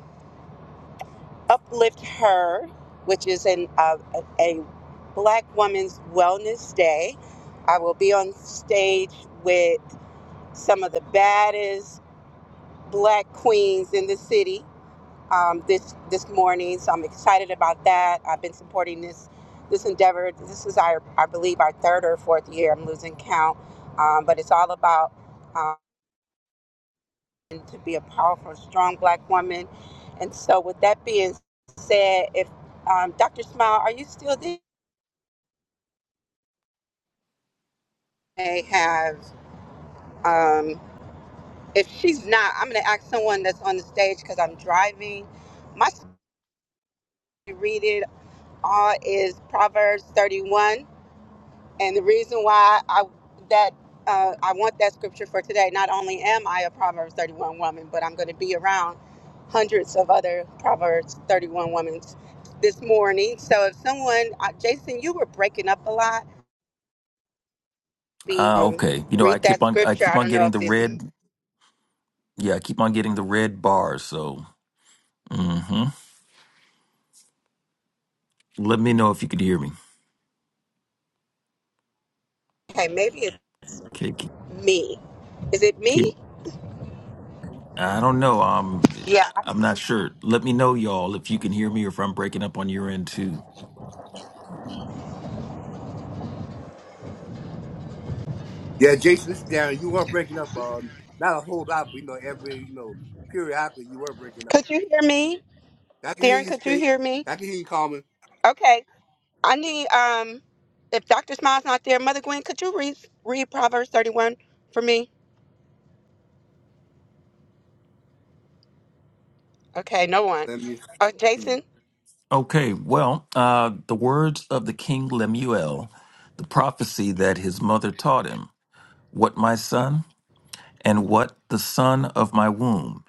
S5: Uplift Her, which is an uh, a, a Black Women's Wellness Day. I will be on stage with some of the baddest black queens in the city um, this this morning. So I'm excited about that. I've been supporting this this endeavor. This is our I believe our third or fourth year. I'm losing count, um, but it's all about um, to be a powerful, strong black woman. And so, with that being said, if um, Dr. Smile, are you still there? May have. Um, if she's not, I'm going to ask someone that's on the stage because I'm driving. My read it all is Proverbs 31. And the reason why I that uh, I want that scripture for today, not only am I a Proverbs 31 woman, but I'm going to be around hundreds of other Proverbs 31 women this morning. So if someone, uh, Jason, you were breaking up a lot, be
S3: Uh,
S5: um,
S3: okay. You know, I
S5: read
S3: keep
S5: that
S3: on, I
S5: scripture.
S3: keep
S5: I
S3: on
S5: don't know
S3: getting
S5: if
S3: the
S5: it's
S3: red. Yeah, I keep on getting the red bars. So, hmm let me know if you could hear me.
S5: okay, maybe it's
S3: Can, can,
S5: me. Is it
S3: can,
S5: me?
S3: I don't know. Um,
S5: Yeah.
S3: I'm not sure. Let me know, y'all, if you can hear me or if I'm breaking up on your end too.
S6: Yeah, Jason, this is Darren. You were breaking up, uh, not a whole lot, but you know, every you know, periodically you were breaking up.
S5: Could you hear me?
S6: I can hear
S5: Darren,
S6: you
S5: could you
S6: state.
S5: hear me?
S6: I can hear you calling.
S5: Okay. I need um if Dr. Smile's not there, Mother Gwen, could you read read Proverbs 31 for me? Okay, no one.
S6: Let me
S5: Uh,
S6: see you.
S5: Jason,
S3: Okay, well, uh, the words of the king Lemuel, the prophecy that his mother taught him What my son, and what the son of my womb,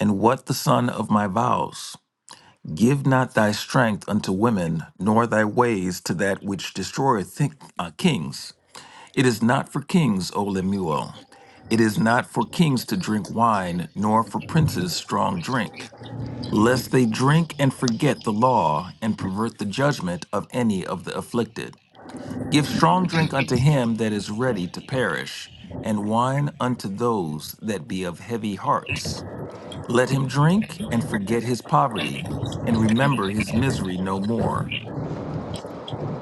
S3: and what the son of my vows. Give not thy strength unto women, nor thy ways to that which destroyeth thi- uh, kings. It is not for kings, O Lemuel. It is not for kings to drink wine, nor for princes strong drink, lest they drink and forget the law and pervert the judgment of any of the afflicted. Give strong drink unto him that is ready to perish, and wine unto those that be of heavy hearts. Let him drink and forget his poverty, and remember his misery no more.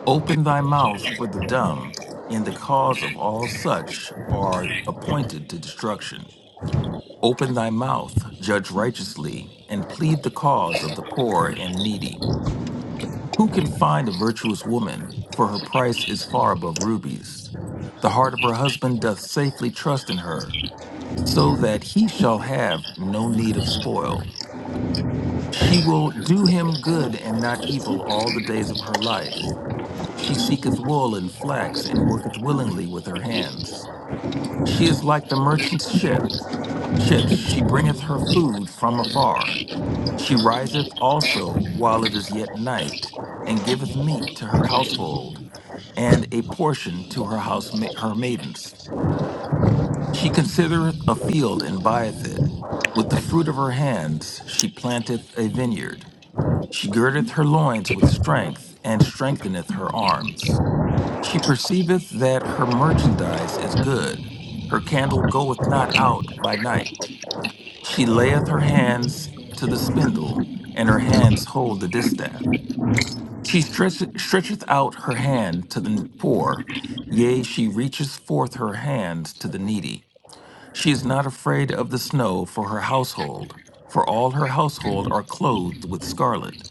S3: Open thy mouth for the dumb, in the cause of all such are appointed to destruction. Open thy mouth, judge righteously, and plead the cause of the poor and needy. Who can find a virtuous woman? For her price is far above rubies. The heart of her husband doth safely trust in her, so that he shall have no need of spoil. She will do him good and not evil all the days of her life. She seeketh wool and flax, and worketh willingly with her hands. She is like the merchant's ship. Ships, she bringeth her food from afar. She riseth also while it is yet night, and giveth meat to her household, and a portion to her house her maidens. She considereth a field and buyeth it. With the fruit of her hands she planteth a vineyard. She girdeth her loins with strength, and strengtheneth her arms. She perceiveth that her merchandise is good. Her candle goeth not out by night. She layeth her hands to the spindle, and her hands hold the distaff. She stretch, stretcheth out her hand to the poor, yea, she reaches forth her hand to the needy. She is not afraid of the snow for her household, for all her household are clothed with scarlet.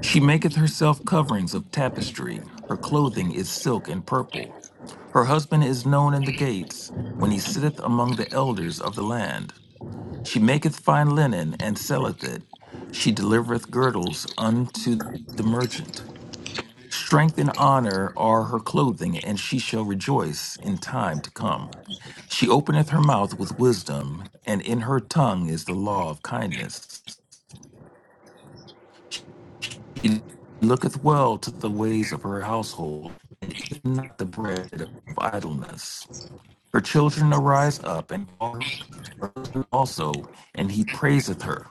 S3: She maketh herself coverings of tapestry, her clothing is silk and purple. Her husband is known in the gates, when he sitteth among the elders of the land. She maketh fine linen, and selleth it. She delivereth girdles unto the merchant. Strength and honor are her clothing, and she shall rejoice in time to come. She openeth her mouth with wisdom, and in her tongue is the law of kindness. She looketh well to the ways of her household, and eateth not the bread of idleness. Her children arise up and call her also, and he praiseth her.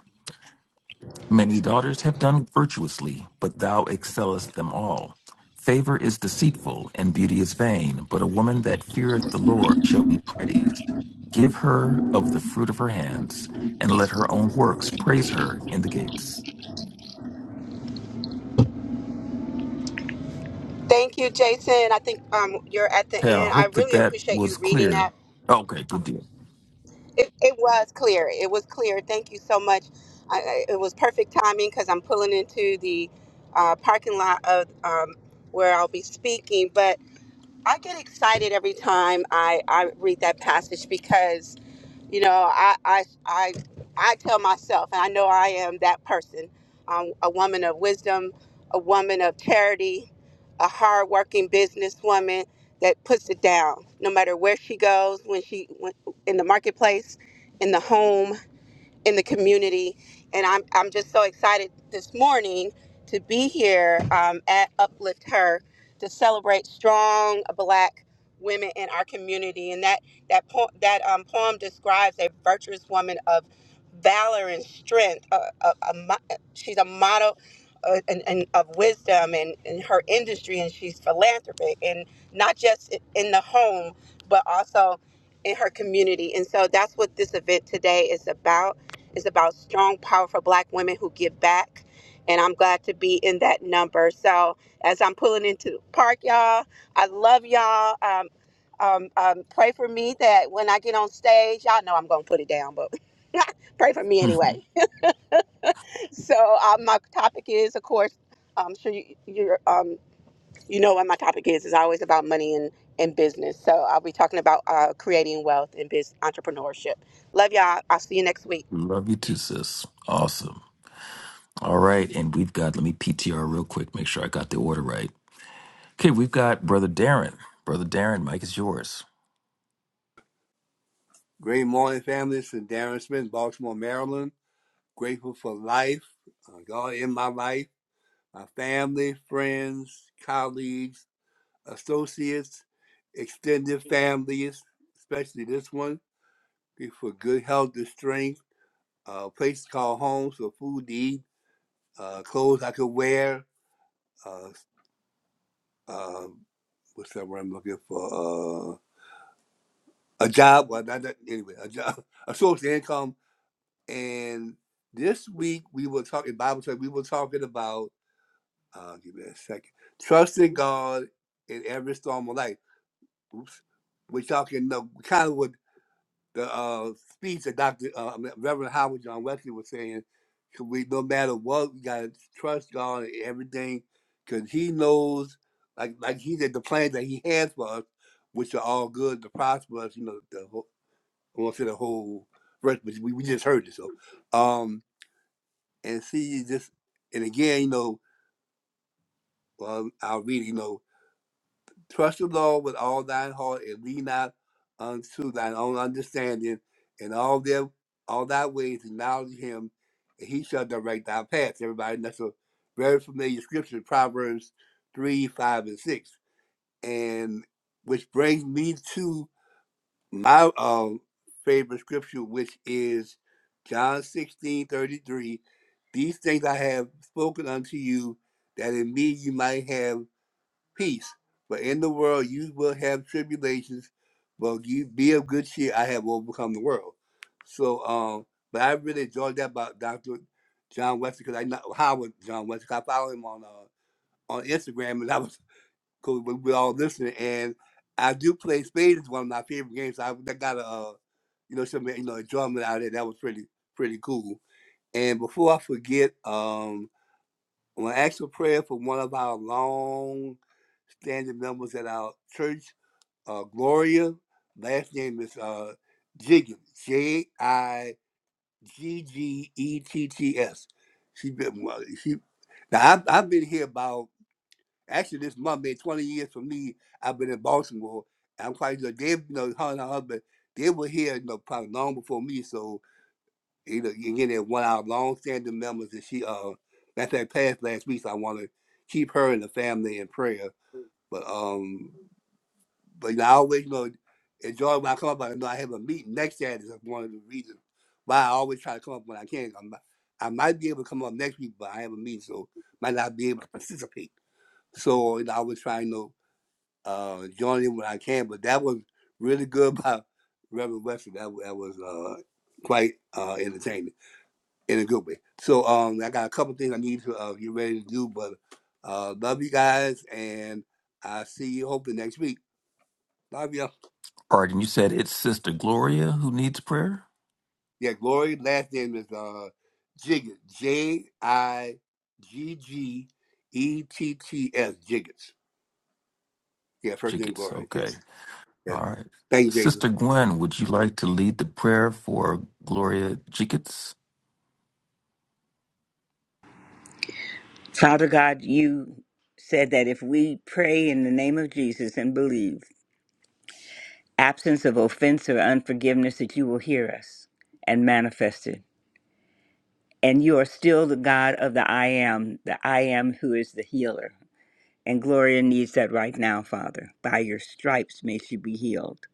S3: Many daughters have done virtuously, but thou excellest them all. Favor is deceitful, and beauty is vain, but a woman that feareth the Lord shall be praised. Give her of the fruit of her hands, and let her own works praise her in the gates.
S5: thank you, Jason. I think um you're at the
S3: Okay, I
S5: end. I
S3: hope that
S5: really
S3: that
S5: appreciate you
S3: was
S5: reading
S3: clear.
S5: that.
S3: Okay, good
S5: Um,
S3: deal. *laughs*
S5: It, it was clear. It was clear. Thank you so much. I, I- it was perfect timing because I'm pulling into the uh, parking lot of um, where I'll be speaking. But I get excited every time I, I read that passage because you know i i i, I tell myself and i know i am that person um, a woman of wisdom a woman of charity a hardworking businesswoman that puts it down no matter where she goes when she when, in the marketplace in the home in the community. And I'm, I'm just so excited this morning to be here um, at Uplift Her to celebrate strong Black women in our community. And that that po- that um, poem describes a virtuous woman of valor and strength. A, a, a, mo- she's a model. Uh, and, and of wisdom and in her industry and she's philanthropic and not just i- in the home but also in her community and so that's what this event today is about is about strong, powerful black women who give back. And I'm glad to be in that number. So as I'm pulling into the park, y'all, I love y'all. Um, um, um, pray for me that when I get on stage, y'all know I'm going to put it down, but *laughs* pray for me anyway.
S3: Mhm.
S5: *laughs* So um, my topic is, of course, I'm sure you, you're, um, you know what my topic is. It's always about money and, and business. So I'll be talking about uh, creating wealth and biz entrepreneurship. Love y'all. I'll see you next week.
S3: Love you too, sis. Awesome. All right, and we've got, let me PTR real quick, make sure I got the order right. Okay, we've got Brother Darren. Brother Darren, Mike is yours.
S6: Great morning, family. This is Darren Smith, Baltimore, Maryland. Grateful for life, uh, God in my life, my family, friends, colleagues, associates, extended families, especially this one. Grateful for good health and strength, uh, place to call home, so food to eat, uh, clothes I could wear, uh, um, what's that word I'm looking for? Uh, a job. Well, not that anyway. A job, *laughs* a source of income. And this week we were talking Bible study. We were talking about. Uh, give me a second. Trusting God in every storm of life. Oops. We're talking. No, kind of. what the uh, speech that Dr. Uh, Reverend Howard John Wesley was saying, so we no matter what, we gotta trust God and everything, cause He knows, like like He said, the plans that He has for us, which are all good to prosper us. You know, the whole, I won't say the whole verse, but we, we just heard it. So, um, and see, just and again, you know, well, I'll read. it, You know, Trust the Lord with all thine heart and lean not unto thine own understanding, and all their all thy ways acknowledge him, and he shall direct thy paths. Everybody, that's a very familiar scripture, Proverbs three, five, and six. And which brings me to my um favorite scripture, which is John sixteen thirty three. These things I have spoken unto you, that in me you might have peace. For in the world you will have tribulations, but you be of good cheer. I have overcome the world. So, um, but I really enjoyed that about Dr. John Wesley because I know how was John Wesley. I follow him on uh, on Instagram, and I was *laughs* because we we all listening. And I do play spades. one of my favorite games. So I that got a uh, you know some you know enjoyment out of it. That was pretty pretty cool. And before I forget, um, We'll ask for prayer for one of our long standing members at our church, uh, Gloria. Last name is uh, Jiggins, J I G G E T T S. She been well, she. Now I've, I've been here about actually this month been 20 years for me. I've been in Baltimore. I'm quite sure they, you know, her and her husband, they were here, you know, probably long before me. So you know, you get it one of our long-standing members, and she uh, that's that passed last week. So I want to keep her and the family in prayer. But um, but you know, I always you know enjoy when I come up. I know I have a meeting next Saturday. That's one of the reasons why I always try to come up when I can. I'm, I might be able to come up next week, but I have a meeting, so might not be able to participate. So you know, I was trying to uh join in when I can. But that was really good *laughs* by Reverend Webster. That that was uh quite uh entertaining in a good way. So um, I got a couple things I need to uh, get ready to do, but uh, love you guys, and I see you hopefully next week. Love you.
S3: All right, and you said it's Sister Gloria who needs prayer?
S6: Yeah, Glory. Last name is uh, Jiggets. J I G G E T T S. Jiggets. Yeah, first
S3: She
S6: name
S3: gets
S6: Glory. Yep.
S3: okay.
S6: Yeah.
S3: All right.
S6: Thank you, Jason.
S3: Sister Gwen, would you like to lead the prayer for Gloria Jickets?
S7: Father God, you said that if we pray in the name of Jesus and believe, absence of offense or unforgiveness, that you will hear us and manifest it. And you are still the God of the I am, the I am who is the healer. And Gloria needs that right now, Father. By your stripes may she be healed.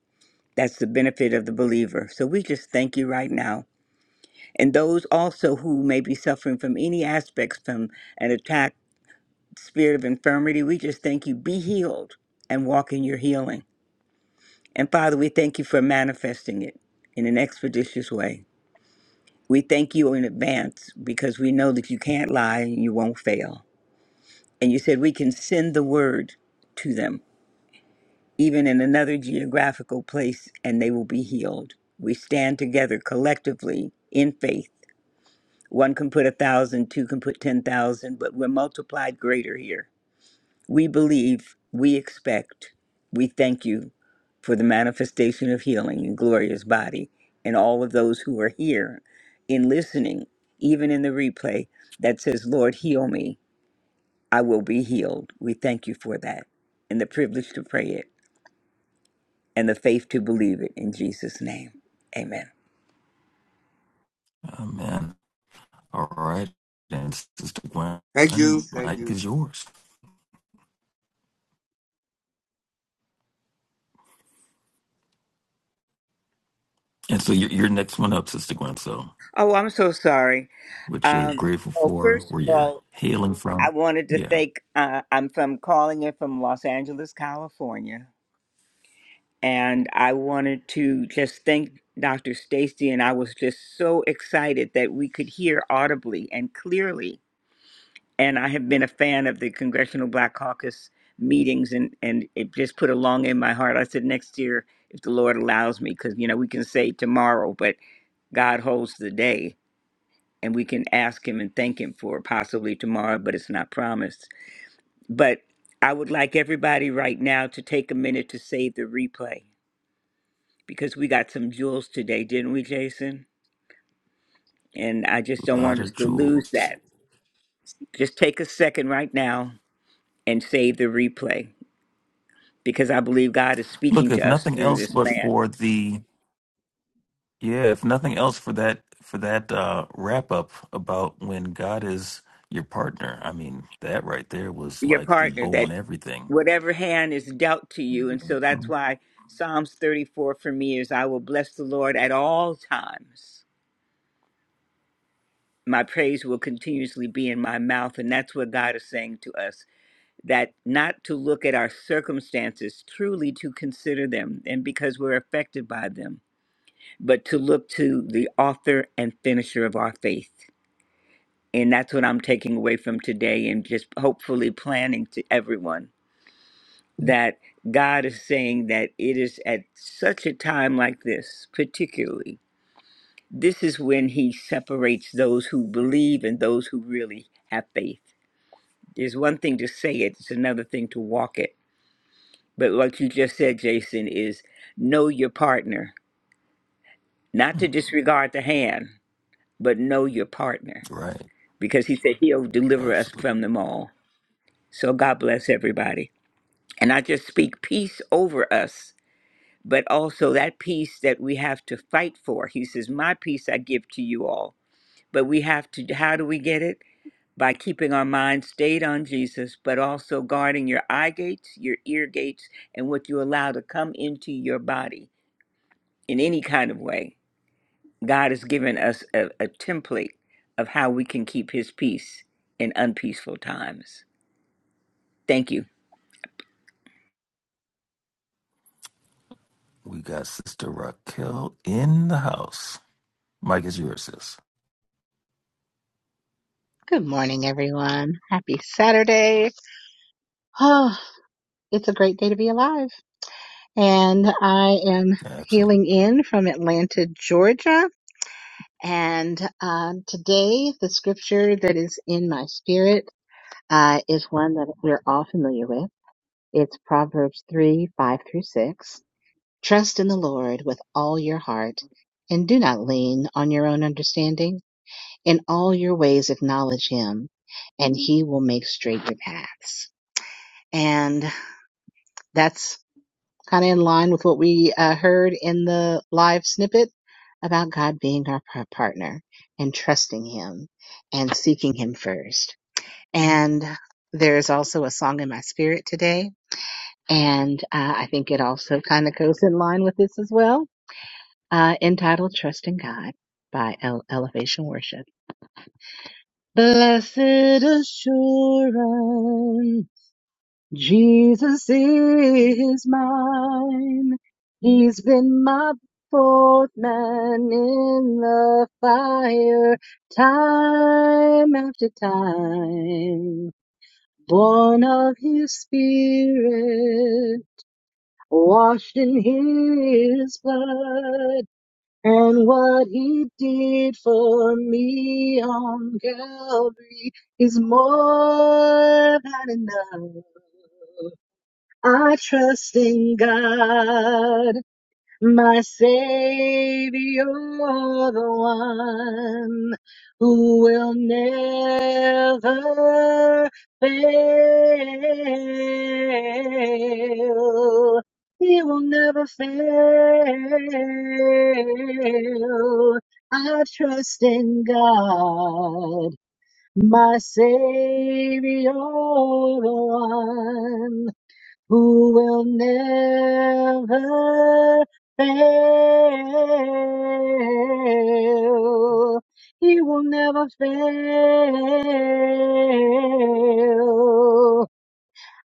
S7: That's the benefit of the believer. So we just thank you right now. And those also who may be suffering from any aspects from an attack spirit of infirmity. We just thank you. Be healed and walk in your healing. And Father, we thank you for manifesting it in an expeditious way. We thank you in advance because we know that you can't lie and you won't fail. And you said we can send the word to them, even in another geographical place, and they will be healed. We stand together collectively in faith. One can put a thousand, two can put 10,000, but we're multiplied greater here We believe, we expect, we thank you for the manifestation of healing in Gloria's body and all of those who are here in listening, even in the replay that says, Lord, heal me. I will be healed. We thank you for that and the privilege to pray it and the faith to believe it in Jesus' name. Amen.
S3: Amen. All right. And Sister
S6: Thank you.
S3: Gwen,
S6: Thank
S3: Mike
S6: you.
S3: is yours. And so you're, you're next one up, Sister Gwen. So,
S7: Oh, I'm so sorry.
S3: what you're
S7: Um,
S3: grateful
S7: well,
S3: for,
S7: first of
S3: where you're
S7: all,
S3: hailing
S7: I
S3: from.
S7: wanted to
S3: Yeah,
S7: thank, uh, I'm from calling it from Los Angeles, California and I wanted to just thank Dr. Stacy and I was just so excited that we could hear audibly and clearly. And I have been a fan of the Congressional Black Caucus meetings and and it just put a long in my heart. I said next year if the Lord allows me cuz you know we can say tomorrow but God holds the day and we can ask him and thank him for possibly tomorrow but it's not promised. But I would like everybody right now to take a minute to save the replay because we got some jewels today, didn't we, Jason? And I just
S3: a
S7: don't
S3: lot
S7: want us
S3: of
S7: to lose
S3: jewels.
S7: that. Just take a second right now and save the replay because I believe God is speaking
S3: Look, if
S7: to us
S3: nothing
S7: through
S3: else
S7: this
S3: but
S7: man,
S3: for the Yeah, if nothing else for that for that uh wrap up about when God is your partner. I mean, that right there was
S7: your
S3: like the
S7: partner,
S3: bow
S7: that
S3: on everything.
S7: whatever hand is dealt to you. And so that's
S3: Mhm.
S7: why Psalms 34 for me is I will bless the Lord at all times. My praise will continuously be in my mouth. And that's what God is saying to us. that not to look at our circumstances, truly to consider them, and because we're affected by them, but to look to the author and finisher of our faith. And that's what I'm taking away from today, and just hopefully planning to everyone that God is saying that it is at such a time like this, particularly, this is when He separates those who believe and those who really have faith. There's one thing to say it, it's another thing to walk it. But like you just said, Jason, is know your partner. Not to
S3: Mm,
S7: disregard the hand, but know your partner.
S3: Right.
S7: Because he said he'll deliver us
S3: Absolutely.
S7: from them all. So God bless everybody. And I just speak peace over us, but also that peace that we have to fight for. He says, My peace I give to you all. But we have to, how do we get it? By keeping our minds stayed on Jesus, but also guarding your eye gates, your ear gates, and what you allow to come into your body in any kind of way. God has given us a, a template of how we can keep His peace in unpeaceful times. Thank you.
S3: We got Sister Raquel in the house. Mike is yours, sis.
S8: Good morning, everyone. Happy Saturday. Oh, it's a great day to be alive. And I am hailing
S3: Absolutely.
S8: in from Atlanta, Georgia. And um, today, the scripture that is in my spirit uh, is one that we're all familiar with. It's Proverbs 3 5 through 6. Trust in the Lord with all your heart and do not lean on your own understanding. In all your ways, acknowledge him, and he will make straight your paths. And that's kind of in line with what we uh, heard in the live snippet about God being our par- partner and trusting Him and seeking Him first. And there's also a song in my spirit today. And uh, I think it also kind of goes in line with this as well, uh, entitled Trust in God by Ele- Elevation Worship. Blessed assurance Jesus is mine. He's been my fourth man in the fire, time after time. Born of his spirit, washed in his blood, and what he did for me on Calvary is more than enough. I trust in God, my Savior, the one who will never fail. He will never fail. I trust in God, my Savior, the one who will never fail. He will never fail.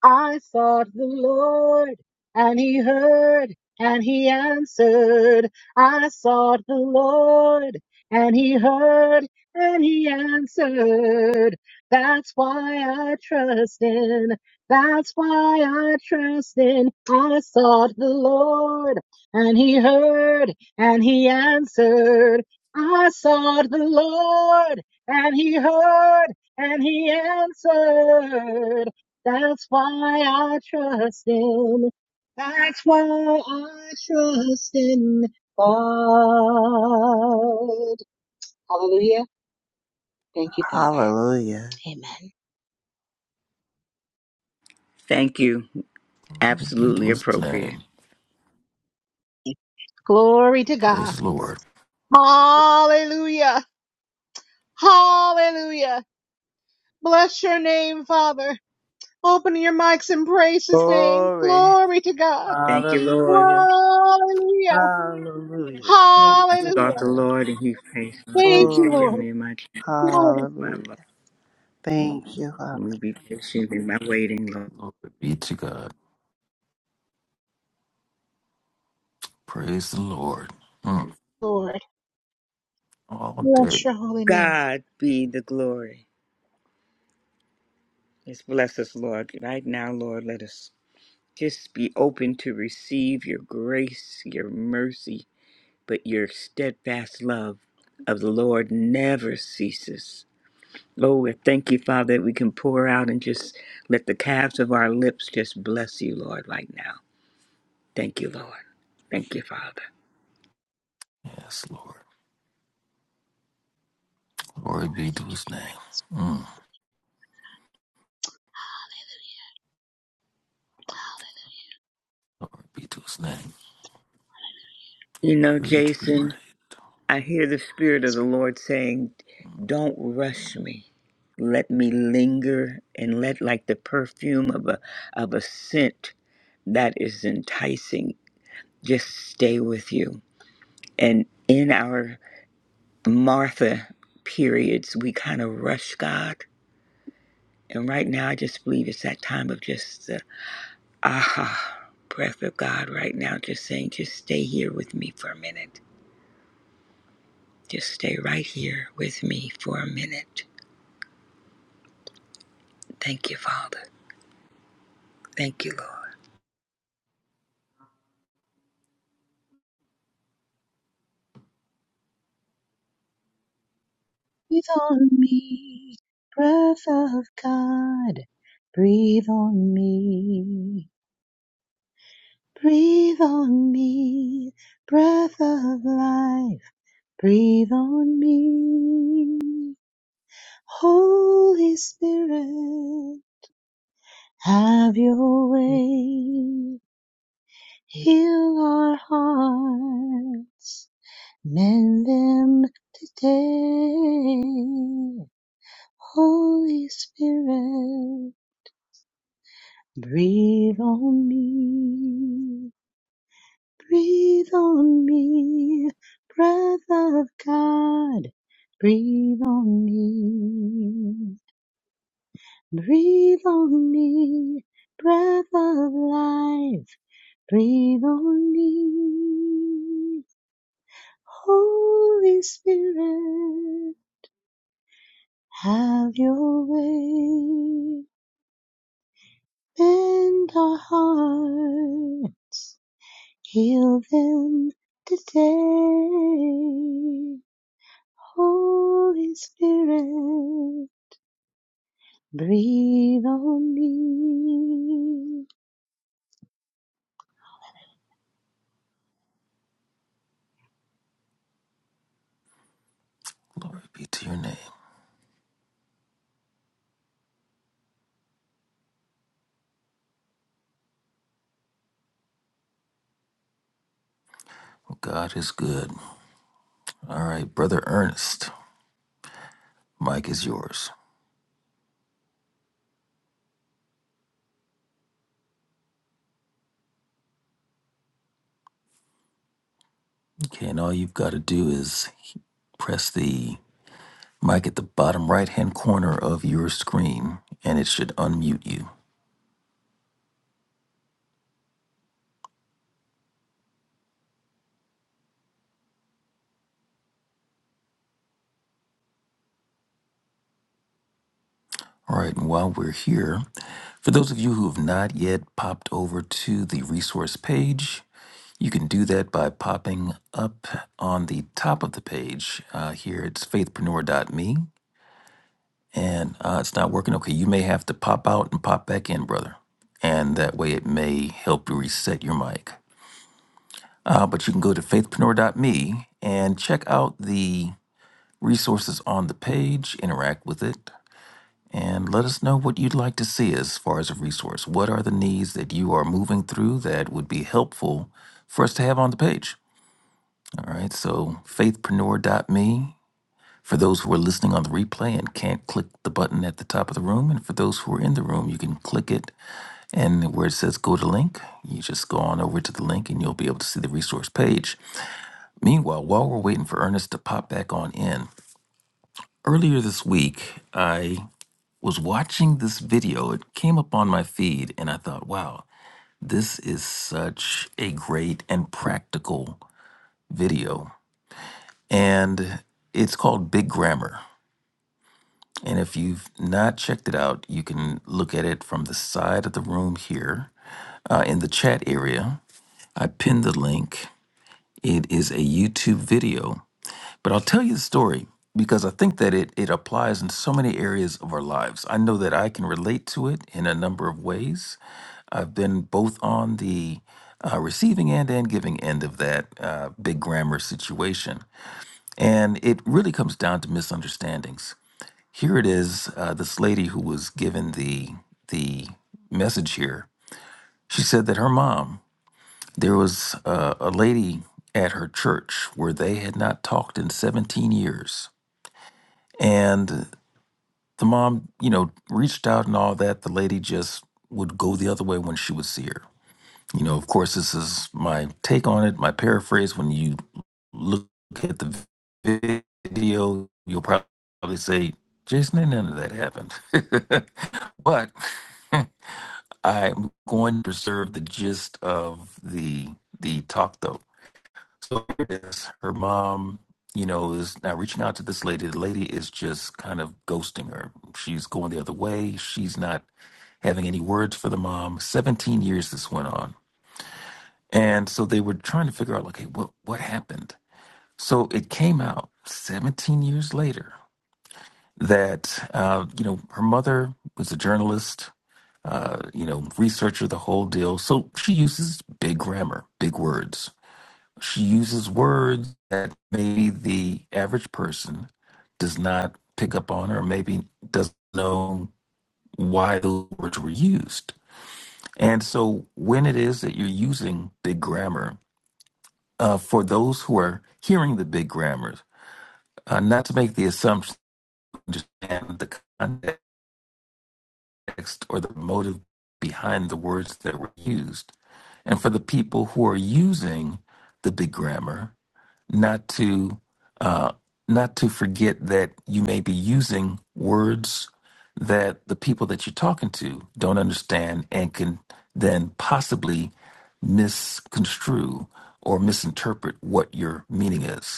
S8: I sought the Lord, and he heard, and he answered. I sought the Lord, and he heard, and he answered. That's why I trust in. That's why I trust in. I sought the Lord, and he heard, and he answered. I sought the Lord, and he heard, and he answered. That's why I trust him. That's why I trust in God. Hallelujah. Thank you, Father.
S4: Hallelujah.
S8: Amen.
S7: Thank you.
S3: Glory Be
S7: Absolutely
S3: to his
S7: appropriate.
S3: name.
S8: Glory to
S3: Praise
S8: God.
S3: the Lord.
S8: Hallelujah. Hallelujah. Bless your name, Father. Open your mics and praise his name.
S4: Glory.
S8: Glory to God.
S7: Thank you, Lord.
S4: Hallelujah.
S8: Hallelujah.
S4: Hallelujah. Thank
S7: I
S4: you,
S7: sought
S8: Hallelujah.
S7: the
S4: Lord.
S7: Lord and He faced my
S8: Thank you,
S7: creature. Give
S4: Glory.
S8: Lord.
S7: me my, time,
S8: Glory,
S7: my love.
S4: Hallelujah. Thank you.
S7: Let me be patient in my waiting, Lord.
S3: Glory be to God. Praise the Lord. Mm.
S8: Lord.
S3: All
S8: Bless
S3: day.
S8: your holy name.
S7: God be the glory. Let's bless us, Lord. Right now, Lord, let us just be open to receive your grace, your mercy, but your steadfast love of the Lord never ceases. Oh, we thank you, Father, that we can pour out and just let the calves of our lips just bless you, Lord, right now. Thank you, Lord. Thank you, Father.
S3: Yes, Lord. Glory be to his name. Mm. Glory be to his name.
S7: You know,
S3: Worthy to be praised.
S7: Jason, I hear the Spirit of the Lord saying, Don't rush me. Let me linger and let like the perfume of a of a scent that is enticing just stay with you. And in our Martha periods, we kind of rush God. And right now, I just believe it's that time of just the aha breath of God right now, just saying, just stay here with me for a minute. Just stay right here with me for a minute. Thank you, Father. Thank you, Lord.
S8: Breathe on me, breath of God. Breathe on me, breathe on me, breath of life. Breathe on me, Holy Spirit. Have your way, heal our hearts, mend them today. Holy Spirit. Breathe on me, breathe on me, breath of God. Breathe on me, breathe on me, breath of life. Breathe on me, Holy Spirit, have your way. Bend our heart Heal them today. Holy Spirit, breathe on me.
S3: Glory be to your name. God is good. All right, Brother Ernest, mic is yours. Okay, and all you've got to do is press the mic at the bottom right hand corner of your screen, and it should unmute you. All right, and while we're here, for those of you who have not yet popped over to the resource page, you can do that by popping up on the top of the page. Uh, here it's faithpreneur.me and uh, it's not working, okay, you may have to pop out and pop back in, brother. And that way it may help you reset your mic. Uh, but you can go to faithpreneur.me and check out the resources on the page, interact with it, and let us know what you'd like to see as far as a resource. What are the needs that you are moving through that would be helpful for us to have on the page? All right, so faithpreneur.me For those who are listening on the replay and can't click the button at the top of the room, and for those who are in the room, you can click it. And where it says go to link, you just go on over to the link and you'll be able to see the resource page. Meanwhile, while we're waiting for Ernest to pop back on in, earlier this week, I was watching this video. It came up on my feed, and I thought, wow, this is such a great and practical video. And it's called Big Grammar. And if you've not checked it out, you can look at it from the side of the room here uh, in the chat area. I pinned the link. It is a YouTube video, but I'll tell you the story because I think that it, it applies in so many areas of our lives. I know that I can relate to it in a number of ways. I've been both on the uh, receiving end and giving end of that uh, big grammar situation. And it really comes down to misunderstandings here it is uh, this lady who was given the the message here she said that her mom there was uh, a lady at her church where they had not talked in 17 years and the mom you know reached out and all that the lady just would go the other way when she would see her You know, of course, this is my take on it, my paraphrase. When you look at the video, you'll probably say, Jason, ain't none of that happened. *laughs* but *laughs* I'm going to preserve the gist of the the talk though. So here it is. Her mom, you know, is now reaching out to this lady. The lady is just kind of ghosting her. She's going the other way. She's not having any words for the mom. 17 years this went on and so they were trying to figure out, like, hey, what, what happened? So it came out 17 years later that, uh, you know, her mother was a journalist, uh, you know, researcher, the whole deal. So she uses big grammar, big words. She uses words that maybe the average person does not pick up on or maybe doesn't know why those words were used. And so when it is that you're using big grammar, uh, for those who are hearing the big grammars, uh, not to make the assumption to understand the context or the motive behind the words that were used, and for the people who are using the big grammar, not to uh, not to forget that you may be using words that the people that you're talking to don't understand and can then possibly misconstrue or misinterpret what your meaning is.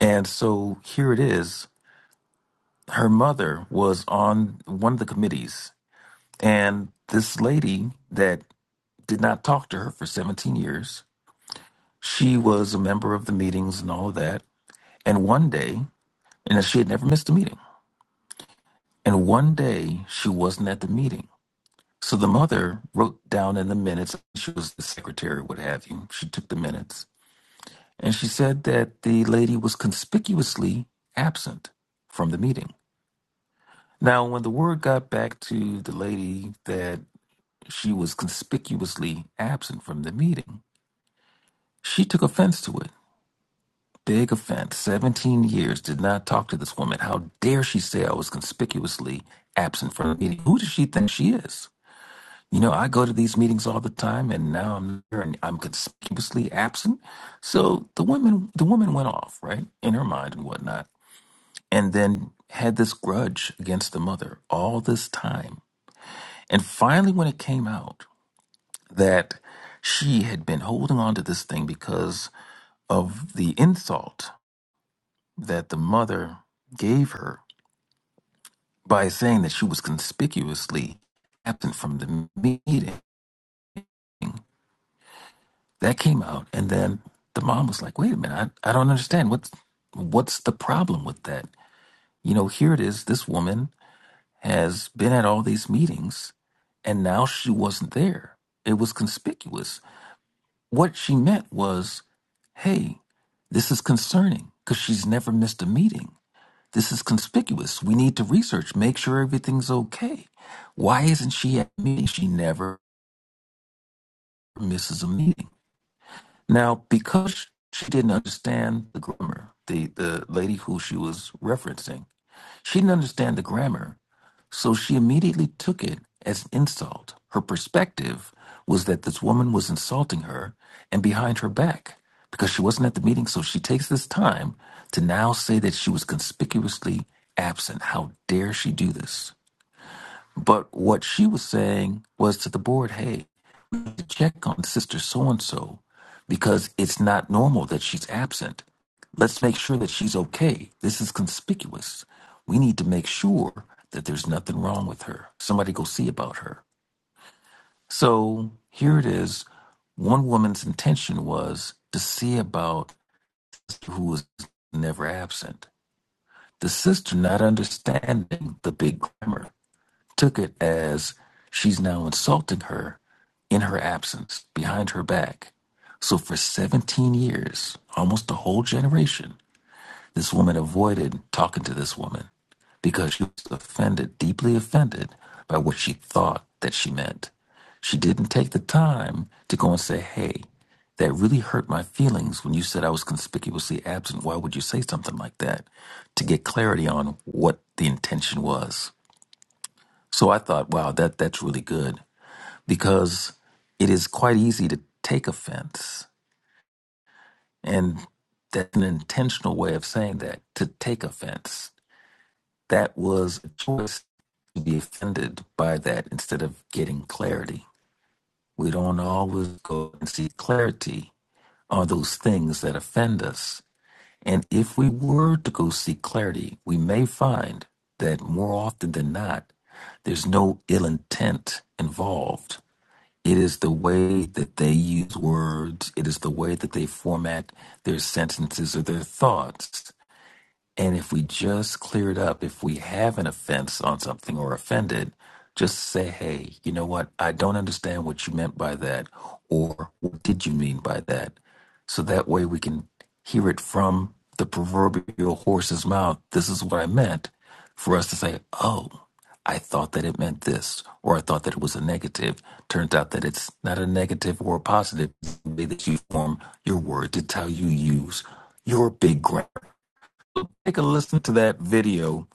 S3: And so here it is. Her mother was on one of the committees, and this lady that did not talk to her for 17 years, she was a member of the meetings and all of that. And one day, and she had never missed a meeting, and one day she wasn't at the meeting. So the mother wrote down in the minutes, she was the secretary, what have you. She took the minutes, and she said that the lady was conspicuously absent from the meeting. Now, when the word got back to the lady that she was conspicuously absent from the meeting, she took offense to it. Big offense. 17 years did not talk to this woman. How dare she say I was conspicuously absent from the meeting? Who does she think she is? You know, I go to these meetings all the time and now I'm here and I'm conspicuously absent. So the woman the woman went off, right? In her mind and whatnot. And then had this grudge against the mother all this time And finally, when it came out that she had been holding on to this thing because of the insult that the mother gave her by saying that she was conspicuously absent from the meeting, that came out. And then the mom was like, wait a minute, I, I don't understand. What's, what's the problem with that? You know, here it is. This woman has been at all these meetings and now she wasn't there. It was conspicuous What she meant was, hey, this is concerning because she's never missed a meeting. This is conspicuous. We need to research, make sure everything's okay. Why isn't she at a meeting? She never misses a meeting. Now, because she didn't understand the grammar, the, the lady who she was referencing, she didn't understand the grammar. So she immediately took it as an insult. Her perspective was that this woman was insulting her and behind her back because she wasn't at the meeting. So she takes this time to now say that she was conspicuously absent. How dare she do this? But what she was saying was to the board hey, to check on Sister So and so because it's not normal that she's absent. Let's make sure that she's okay. This is conspicuous. We need to make sure that there's nothing wrong with her. Somebody go see about her. So here it is. One woman's intention was to see about who was never absent. The sister not understanding the big grammar took it as she's now insulting her in her absence, behind her back. So for 17 years, almost a whole generation, this woman avoided talking to this woman because she was offended, deeply offended by what she thought that she meant. She didn't take the time to go and say, hey, that really hurt my feelings when you said I was conspicuously absent. Why would you say something like that? To get clarity on what the intention was. So I thought, wow, that that's really good because it is quite easy to take offense, and that's an intentional way of saying that to take offense. That was a choice to be offended by that instead of getting clarity. We don't always go and seek clarity on those things that offend us. And if we were to go seek clarity, we may find that more often than not, there's no ill intent involved It is the way that they use words. It is the way that they format their sentences or their thoughts and if we just clear it up, if we have an offense on something or offended, just say, hey, you know what? I don't understand what you meant by that. Or what did you mean by that? So that way we can hear it from the proverbial horse's mouth. This is what I meant for us to say, oh, I thought that it meant this, or I thought that it was a negative. Turns out that it's not a negative or a positive. The way that you form your word to how you use your big grammar take a listen to that video,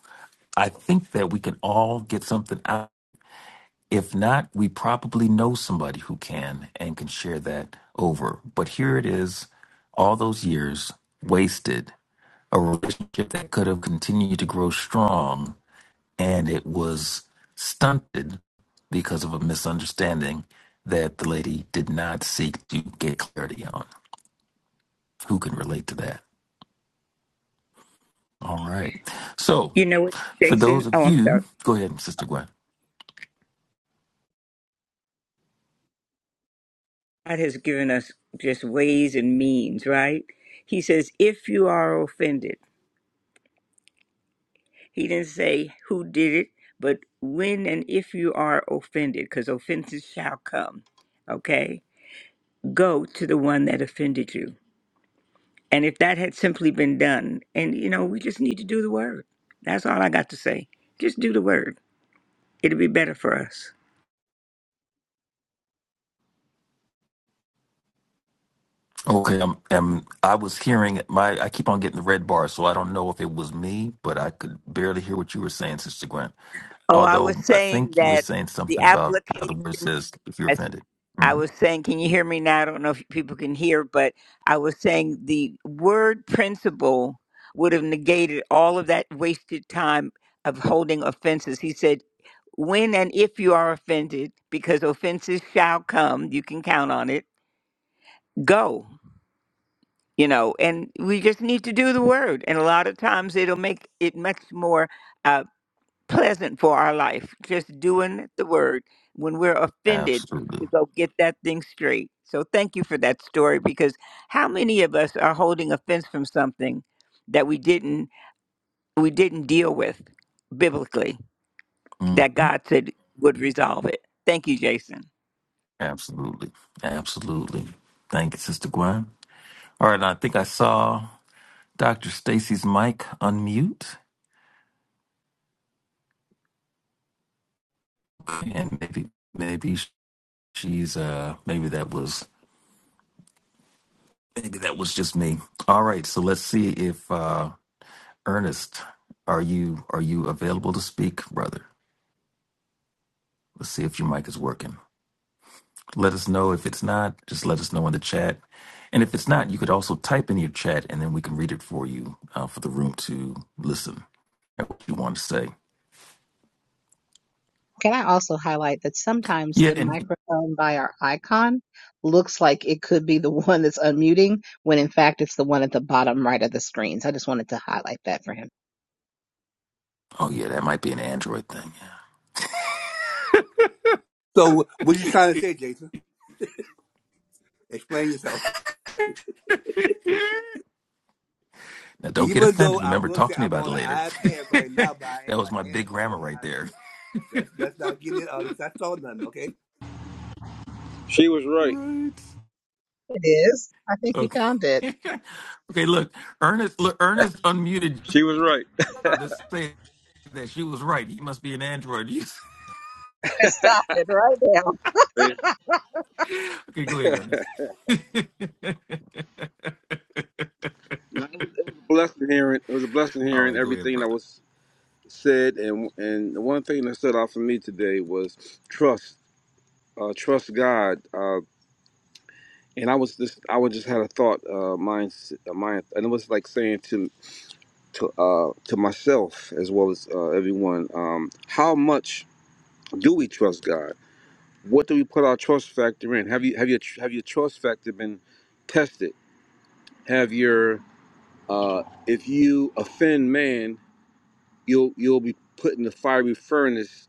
S3: I think that we can all get something out. If not, we probably know somebody who can and can share that over. But here it is, all those years wasted, a relationship that could have continued to grow strong, and it was stunted because of a misunderstanding that the lady did not seek to get clarity on. Who can relate to that? All right. So,
S7: You know what,
S3: for
S7: Jason?
S3: those
S7: Oh,
S3: of
S7: I'm sorry.
S3: you, go ahead, Sister Gwen.
S7: God has given us just ways and means, right? He says, if you are offended, He didn't say who did it, but when and if you are offended, because offenses shall come, okay? Go to the one that offended you. And if that had simply been done, and you know, we just need to do the word. That's all I got to say. Just do the word, it'll be better for us.
S3: Okay, um, um, I was hearing my. I keep on getting the red bar, so I don't know if it was me, but I could barely hear what you were saying, Sister Gwen.
S7: Oh, I was
S3: Although I
S7: saying
S3: think you were
S7: that
S3: saying
S7: the
S3: something about how
S7: application.
S3: the word says if you're offended.
S7: I
S3: hmm
S7: was saying, can you hear me now? I don't know if people can hear, but I was saying the word principle would have negated all of that wasted time of holding offenses. He said, when and if you are offended, because offenses shall come, you can count on it, go. You know, and we just need to do the word. And a lot of times it'll make it much more. uh, pleasant for our life, just doing the word when we're offended
S3: Absolutely,
S7: to go get that thing straight. So thank you for that story because how many of us are holding offense from something that we didn't we didn't deal with biblically
S3: hmm
S7: that God said would resolve it. Thank you, Jason.
S3: absolutely, absolutely. Thank you, Sister Gwen. All right, and I think I saw Doctor Stacy's mic unmute, and maybe maybe she's uh maybe that was maybe that was just me. All right, so let's see if. uh Ernest, are you are you available to speak, brother? Let's see if your mic is working. Let us know if it's not. Just let us know in the chat, and if it's not, you could also type in your chat, and then we can read it for you uh, for the room to listen at what you want to say.
S8: Can I also highlight that sometimes
S3: Yeah,
S8: the
S3: and
S8: microphone by our icon looks like it could be the *laughs* one that's unmuting when in fact it's the one at the bottom right of the screen. So I just wanted to highlight that for him.
S3: oh yeah, that might be an Android thing.
S6: So, what you trying to say, Jason? Explain yourself.
S3: Yeah. *laughs* now don't get
S6: Even though
S3: offended.
S6: I
S3: Remember,
S6: will
S3: talk
S6: say
S3: to me
S6: I'm
S3: about
S6: on
S3: it
S6: the
S3: later.
S6: iPad
S3: *laughs*
S6: right
S3: that
S6: now, but I am
S3: was
S6: an
S3: my big
S6: Android
S3: grammar right
S6: guy,
S3: there.
S6: so let's let's not get in all this. I saw nothing, okay?
S9: She was right.
S3: Right.
S8: It is. I think he
S3: Okay.
S8: found it.
S3: *laughs* okay. Look, Ernest. Look, Ernest unmuted
S9: She was right.
S3: I'm just saying that she was right. He must be an android.
S8: I stopped it, right.
S9: It
S3: *laughs* okay, go ahead, Ernest.
S9: was a blessing hearing. It was a blessing
S3: *laughs* All
S9: hearing
S3: right, go ahead,
S9: everything that
S3: brother.
S9: was said, and and the one thing that stood out for me today was trust. Uh, trust God. Uh, and I was just I was just had a thought uh, mind uh, mind, and it was like saying to to uh, to myself as well as uh, everyone, um, how much do we trust God? What do we put our trust factor in? Have you have your have your trust factor been tested? Have your Uh, if you offend man, you'll you'll be put in the fiery furnace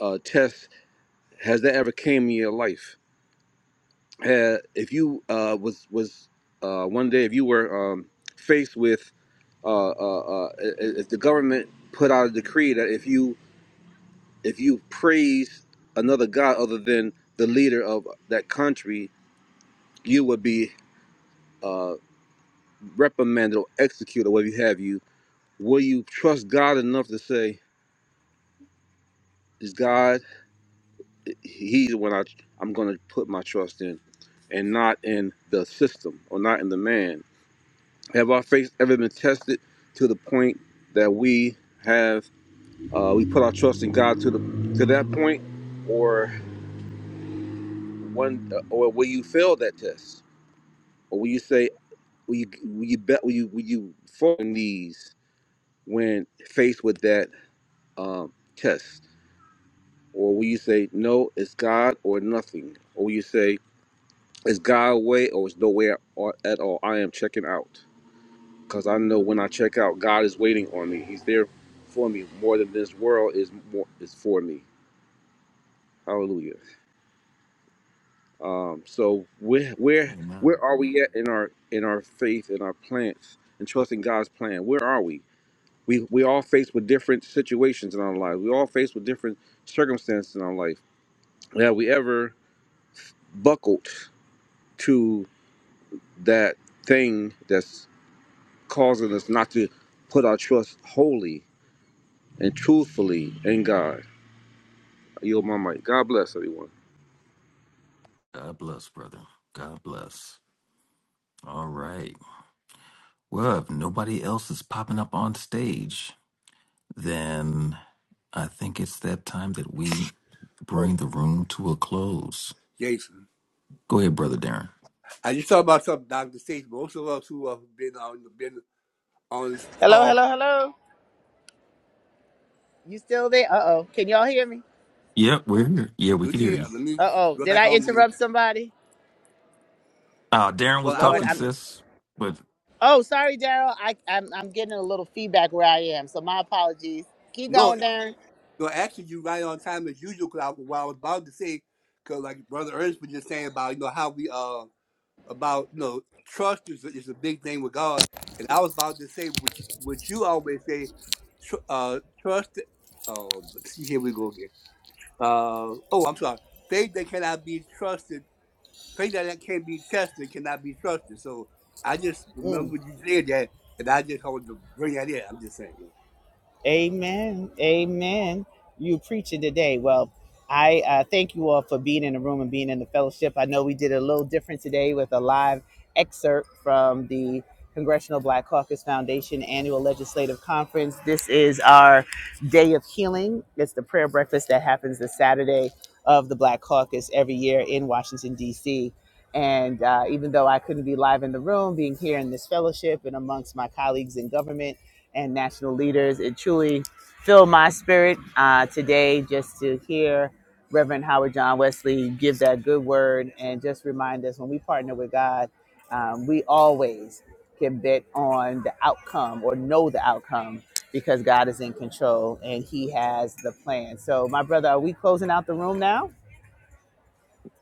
S9: uh, test. Has that ever came in your life? Had, if you uh, was was uh, one day if you were um, faced with uh, uh, uh, if the government put out a decree that if you if you praise another god other than the leader of that country, you would be uh, reprimanded or executed, or whatever you have you. Will you trust God enough to say, "Is God?" he's the one I, I'm going to put my trust in and not in the system or not in the man. Have our faith ever been tested to the point that we have uh, we put our trust in God to the to that point, or one or will you fail that test, or will you say will you will you bet will you will you fall on these when faced with that um, test, or will you say no, it's God or nothing, or will you say Is God away or is nowhere or- at all? I am checking out because I know when I check out, God is waiting on me. He's there for me more than this world is more is for me. Hallelujah. Um, so where where
S3: Amen.
S9: where are we at in our in our faith in our plans and trusting God's plan? Where are we? We we all faced with different situations in our life. We all faced with different circumstances in our life. Have we ever buckled to that thing that's causing us not to put our trust wholly and truthfully in God. I yield my mic. God bless everyone.
S3: God bless, brother. God bless. All right. Well, if nobody else is popping up on stage, then I think it's that time that we
S6: Oh,
S3: bring the room to a close.
S6: Jason,
S3: Go ahead, brother Darren.
S6: I just talked about something, Doctor Sage. Most of us who have been on been on this call,
S1: You still there? Uh oh. Can y'all hear me?
S3: Yep, we're here. Yeah, we
S6: let
S3: could hear
S6: me
S3: you.
S6: let me
S1: Uh oh.
S6: go
S1: Did
S6: back
S1: I
S6: on mute.
S1: interrupt somebody?
S3: Uh, Darren was
S6: Well, I
S1: Lord,
S6: was
S3: talking,
S1: I'm
S3: sis, but
S1: oh sorry, Daryl. I I'm I'm getting a little feedback where I am. So my apologies. Keep
S6: no,
S1: going, Darren.
S6: no. Actually, you right on time as usual. Because I, what I was about to say, because like Brother Ernest was just saying about you know how we uh about you know trust is, is a big thing with God, and I was about to say which which you always say, tr- uh, trust. Oh, see, here we go again. Uh, oh, I'm sorry. Faith that cannot be trusted, faith that can't be tested, cannot be trusted. So I just remember you said that, and I just wanted to bring that in. I'm just saying, you
S1: Amen. Amen. You preaching today. Well, I uh, thank you all for being in the room and being in the fellowship. I know we did a little different today with a live excerpt from the Congressional Black Caucus Foundation Annual Legislative Conference. This is our day of healing. It's the prayer breakfast that happens the Saturday of the Black Caucus every year in Washington, D.C. And uh, even though I couldn't be live in the room, being here in this fellowship and amongst my colleagues in government, and national leaders. It truly filled my spirit uh, today just to hear Reverend Howard John Wesley give that good word and just remind us when we partner with God, um, we always can bet on the outcome or know the outcome because God is in control and He has the plan. So, my brother, are we closing out the room now?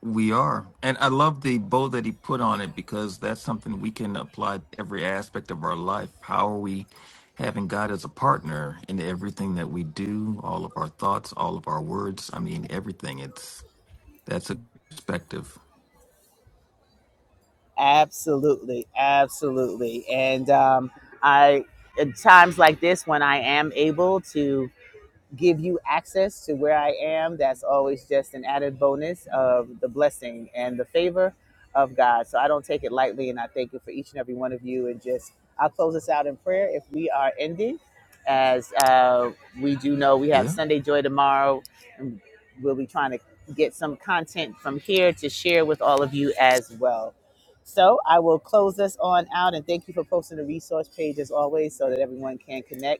S3: We are. And I love the bow that he put on it because that's something we can apply to every aspect of our life. How are we having God as a partner in everything that we do, all of our thoughts, all of our words? I mean, everything. It's that's a perspective.
S1: Absolutely, absolutely. And um, I, at times like this, when I am able to give you access to where I am, that's always just an added bonus of the blessing and the favor of God. So I don't take it lightly, and I thank you for each and every one of you. And just, I'll close us out in prayer if we are ending, as uh, we do know we have
S3: Yeah.
S1: Sunday Joy tomorrow, and we'll be trying to get some content from here to share with all of you as well. So I will close us on out and thank you for posting the resource page as always so that everyone can connect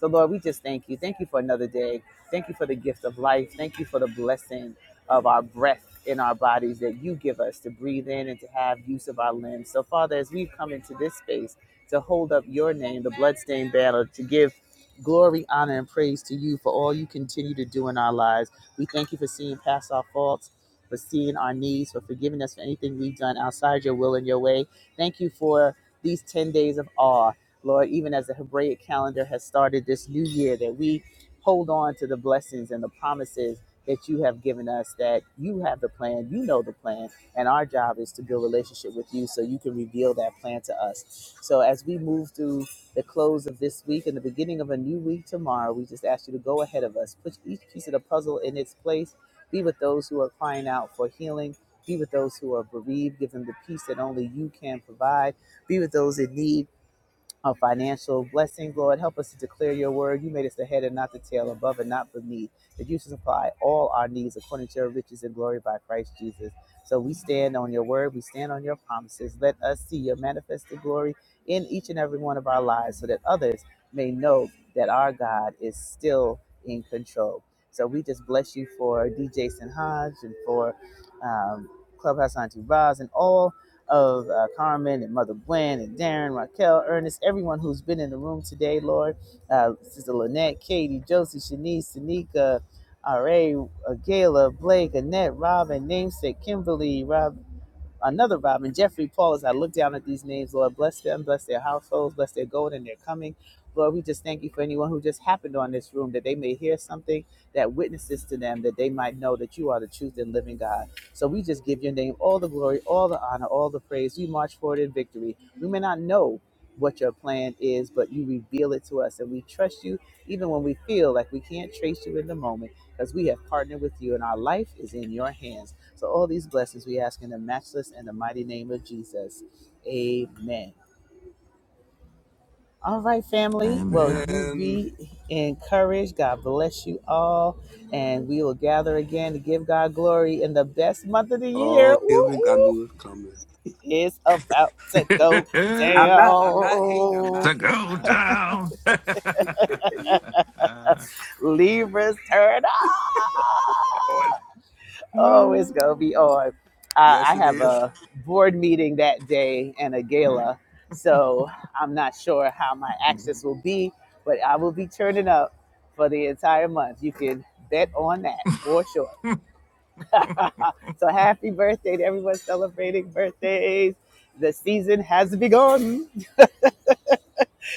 S1: so, Lord, we just thank you. Thank you for another day. Thank you for the gift of life. Thank you for the blessing of our breath in our bodies that you give us to breathe in and to have use of our limbs. So, Father, as we've come into this space to hold up your name, the bloodstained banner, to give glory, honor, and praise to you for all you continue to do in our lives, we thank you for seeing past our faults. For seeing our needs, for forgiving us for anything we've done outside your will and your way. Thank you for these 10 days of awe Lord, even as the Hebraic calendar has started this new year, that we hold on to the blessings and the promises that you have given us, that you have the plan, you know the plan, and our job is to build relationship with you so you can reveal that plan to us. So as we move through the close of this week and the beginning of a new week tomorrow, we just ask you to go ahead of us, put each piece of the puzzle in its place, be with those who are crying out for healing. Be with those who are bereaved, give them the peace that only you can provide. Be with those in need uh, financial blessing, Lord. Help us to declare your word. You made us the head and not the tail, above and not beneath. That you supply all our needs according to your riches and glory by Christ Jesus. So we stand on your word. We stand on your promises. Let us see your manifested glory in each and every one of our lives so that others may know that our God is still in control. So we just bless you for D. Jason Hodge and for um, Clubhouse Auntie Roz and all of uh, Carmen and Mother Gwen and Darren, Raquel, Ernest, everyone who's been in the room today, Lord. Uh, Sister Lynette, Katie, Josie, Shanice, Tanika, R.A., uh, Gayla, Blake, Annette, Robin, Namesake, Kimberly, Rob another Robin, Jeffrey, Paul, as I look down at these names, Lord, bless them, bless their households, bless their going and their coming. Lord, we just thank you for anyone who just happened on this room that they may hear something that witnesses to them that they might know that you are the truth and living God. So we just give your name all the glory, all the honor, all the praise. We march forward in victory. We may not know what your plan is, but you reveal it to us and we trust you even when we feel like we can't trace you in the moment because we have partnered with you and our life is in your hands. So all these blessings we ask in the matchless and the mighty name of Jesus. Amen. All right, family.
S6: know.
S1: Well,
S3: Amen.
S1: you
S6: man.
S1: be encouraged. God bless you all. And we will gather again to give God glory in the best month of the
S6: Oh,
S1: year.
S6: here
S1: Woo,
S6: we go. I
S1: woo.
S6: knew it was coming.
S1: It's about to go
S3: *laughs*
S6: I'm not. I'm not hating. I'm
S1: down.
S6: not
S3: to
S6: hating. *laughs*
S3: go down. *laughs* uh,
S1: Libras, turn up.
S6: i
S1: Oh, it's gonna be on. Uh,
S6: Yes,
S1: I
S6: it
S1: have
S6: is.
S1: a board meeting that day and a gala, so I'm not sure how my access
S3: *laughs*
S1: will be, but I will be turning up for the entire month. You can bet on that for sure. *laughs* so happy birthday to everyone celebrating birthdays. The season has begun.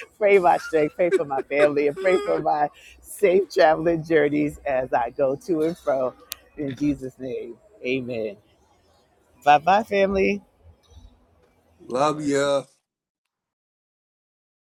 S1: *laughs* Pray my strength, pray for my family, and pray for my safe traveling journeys as I go to and fro. In
S3: yes,
S1: Jesus' name, amen. Bye bye, family.
S6: Love you.
S3: right.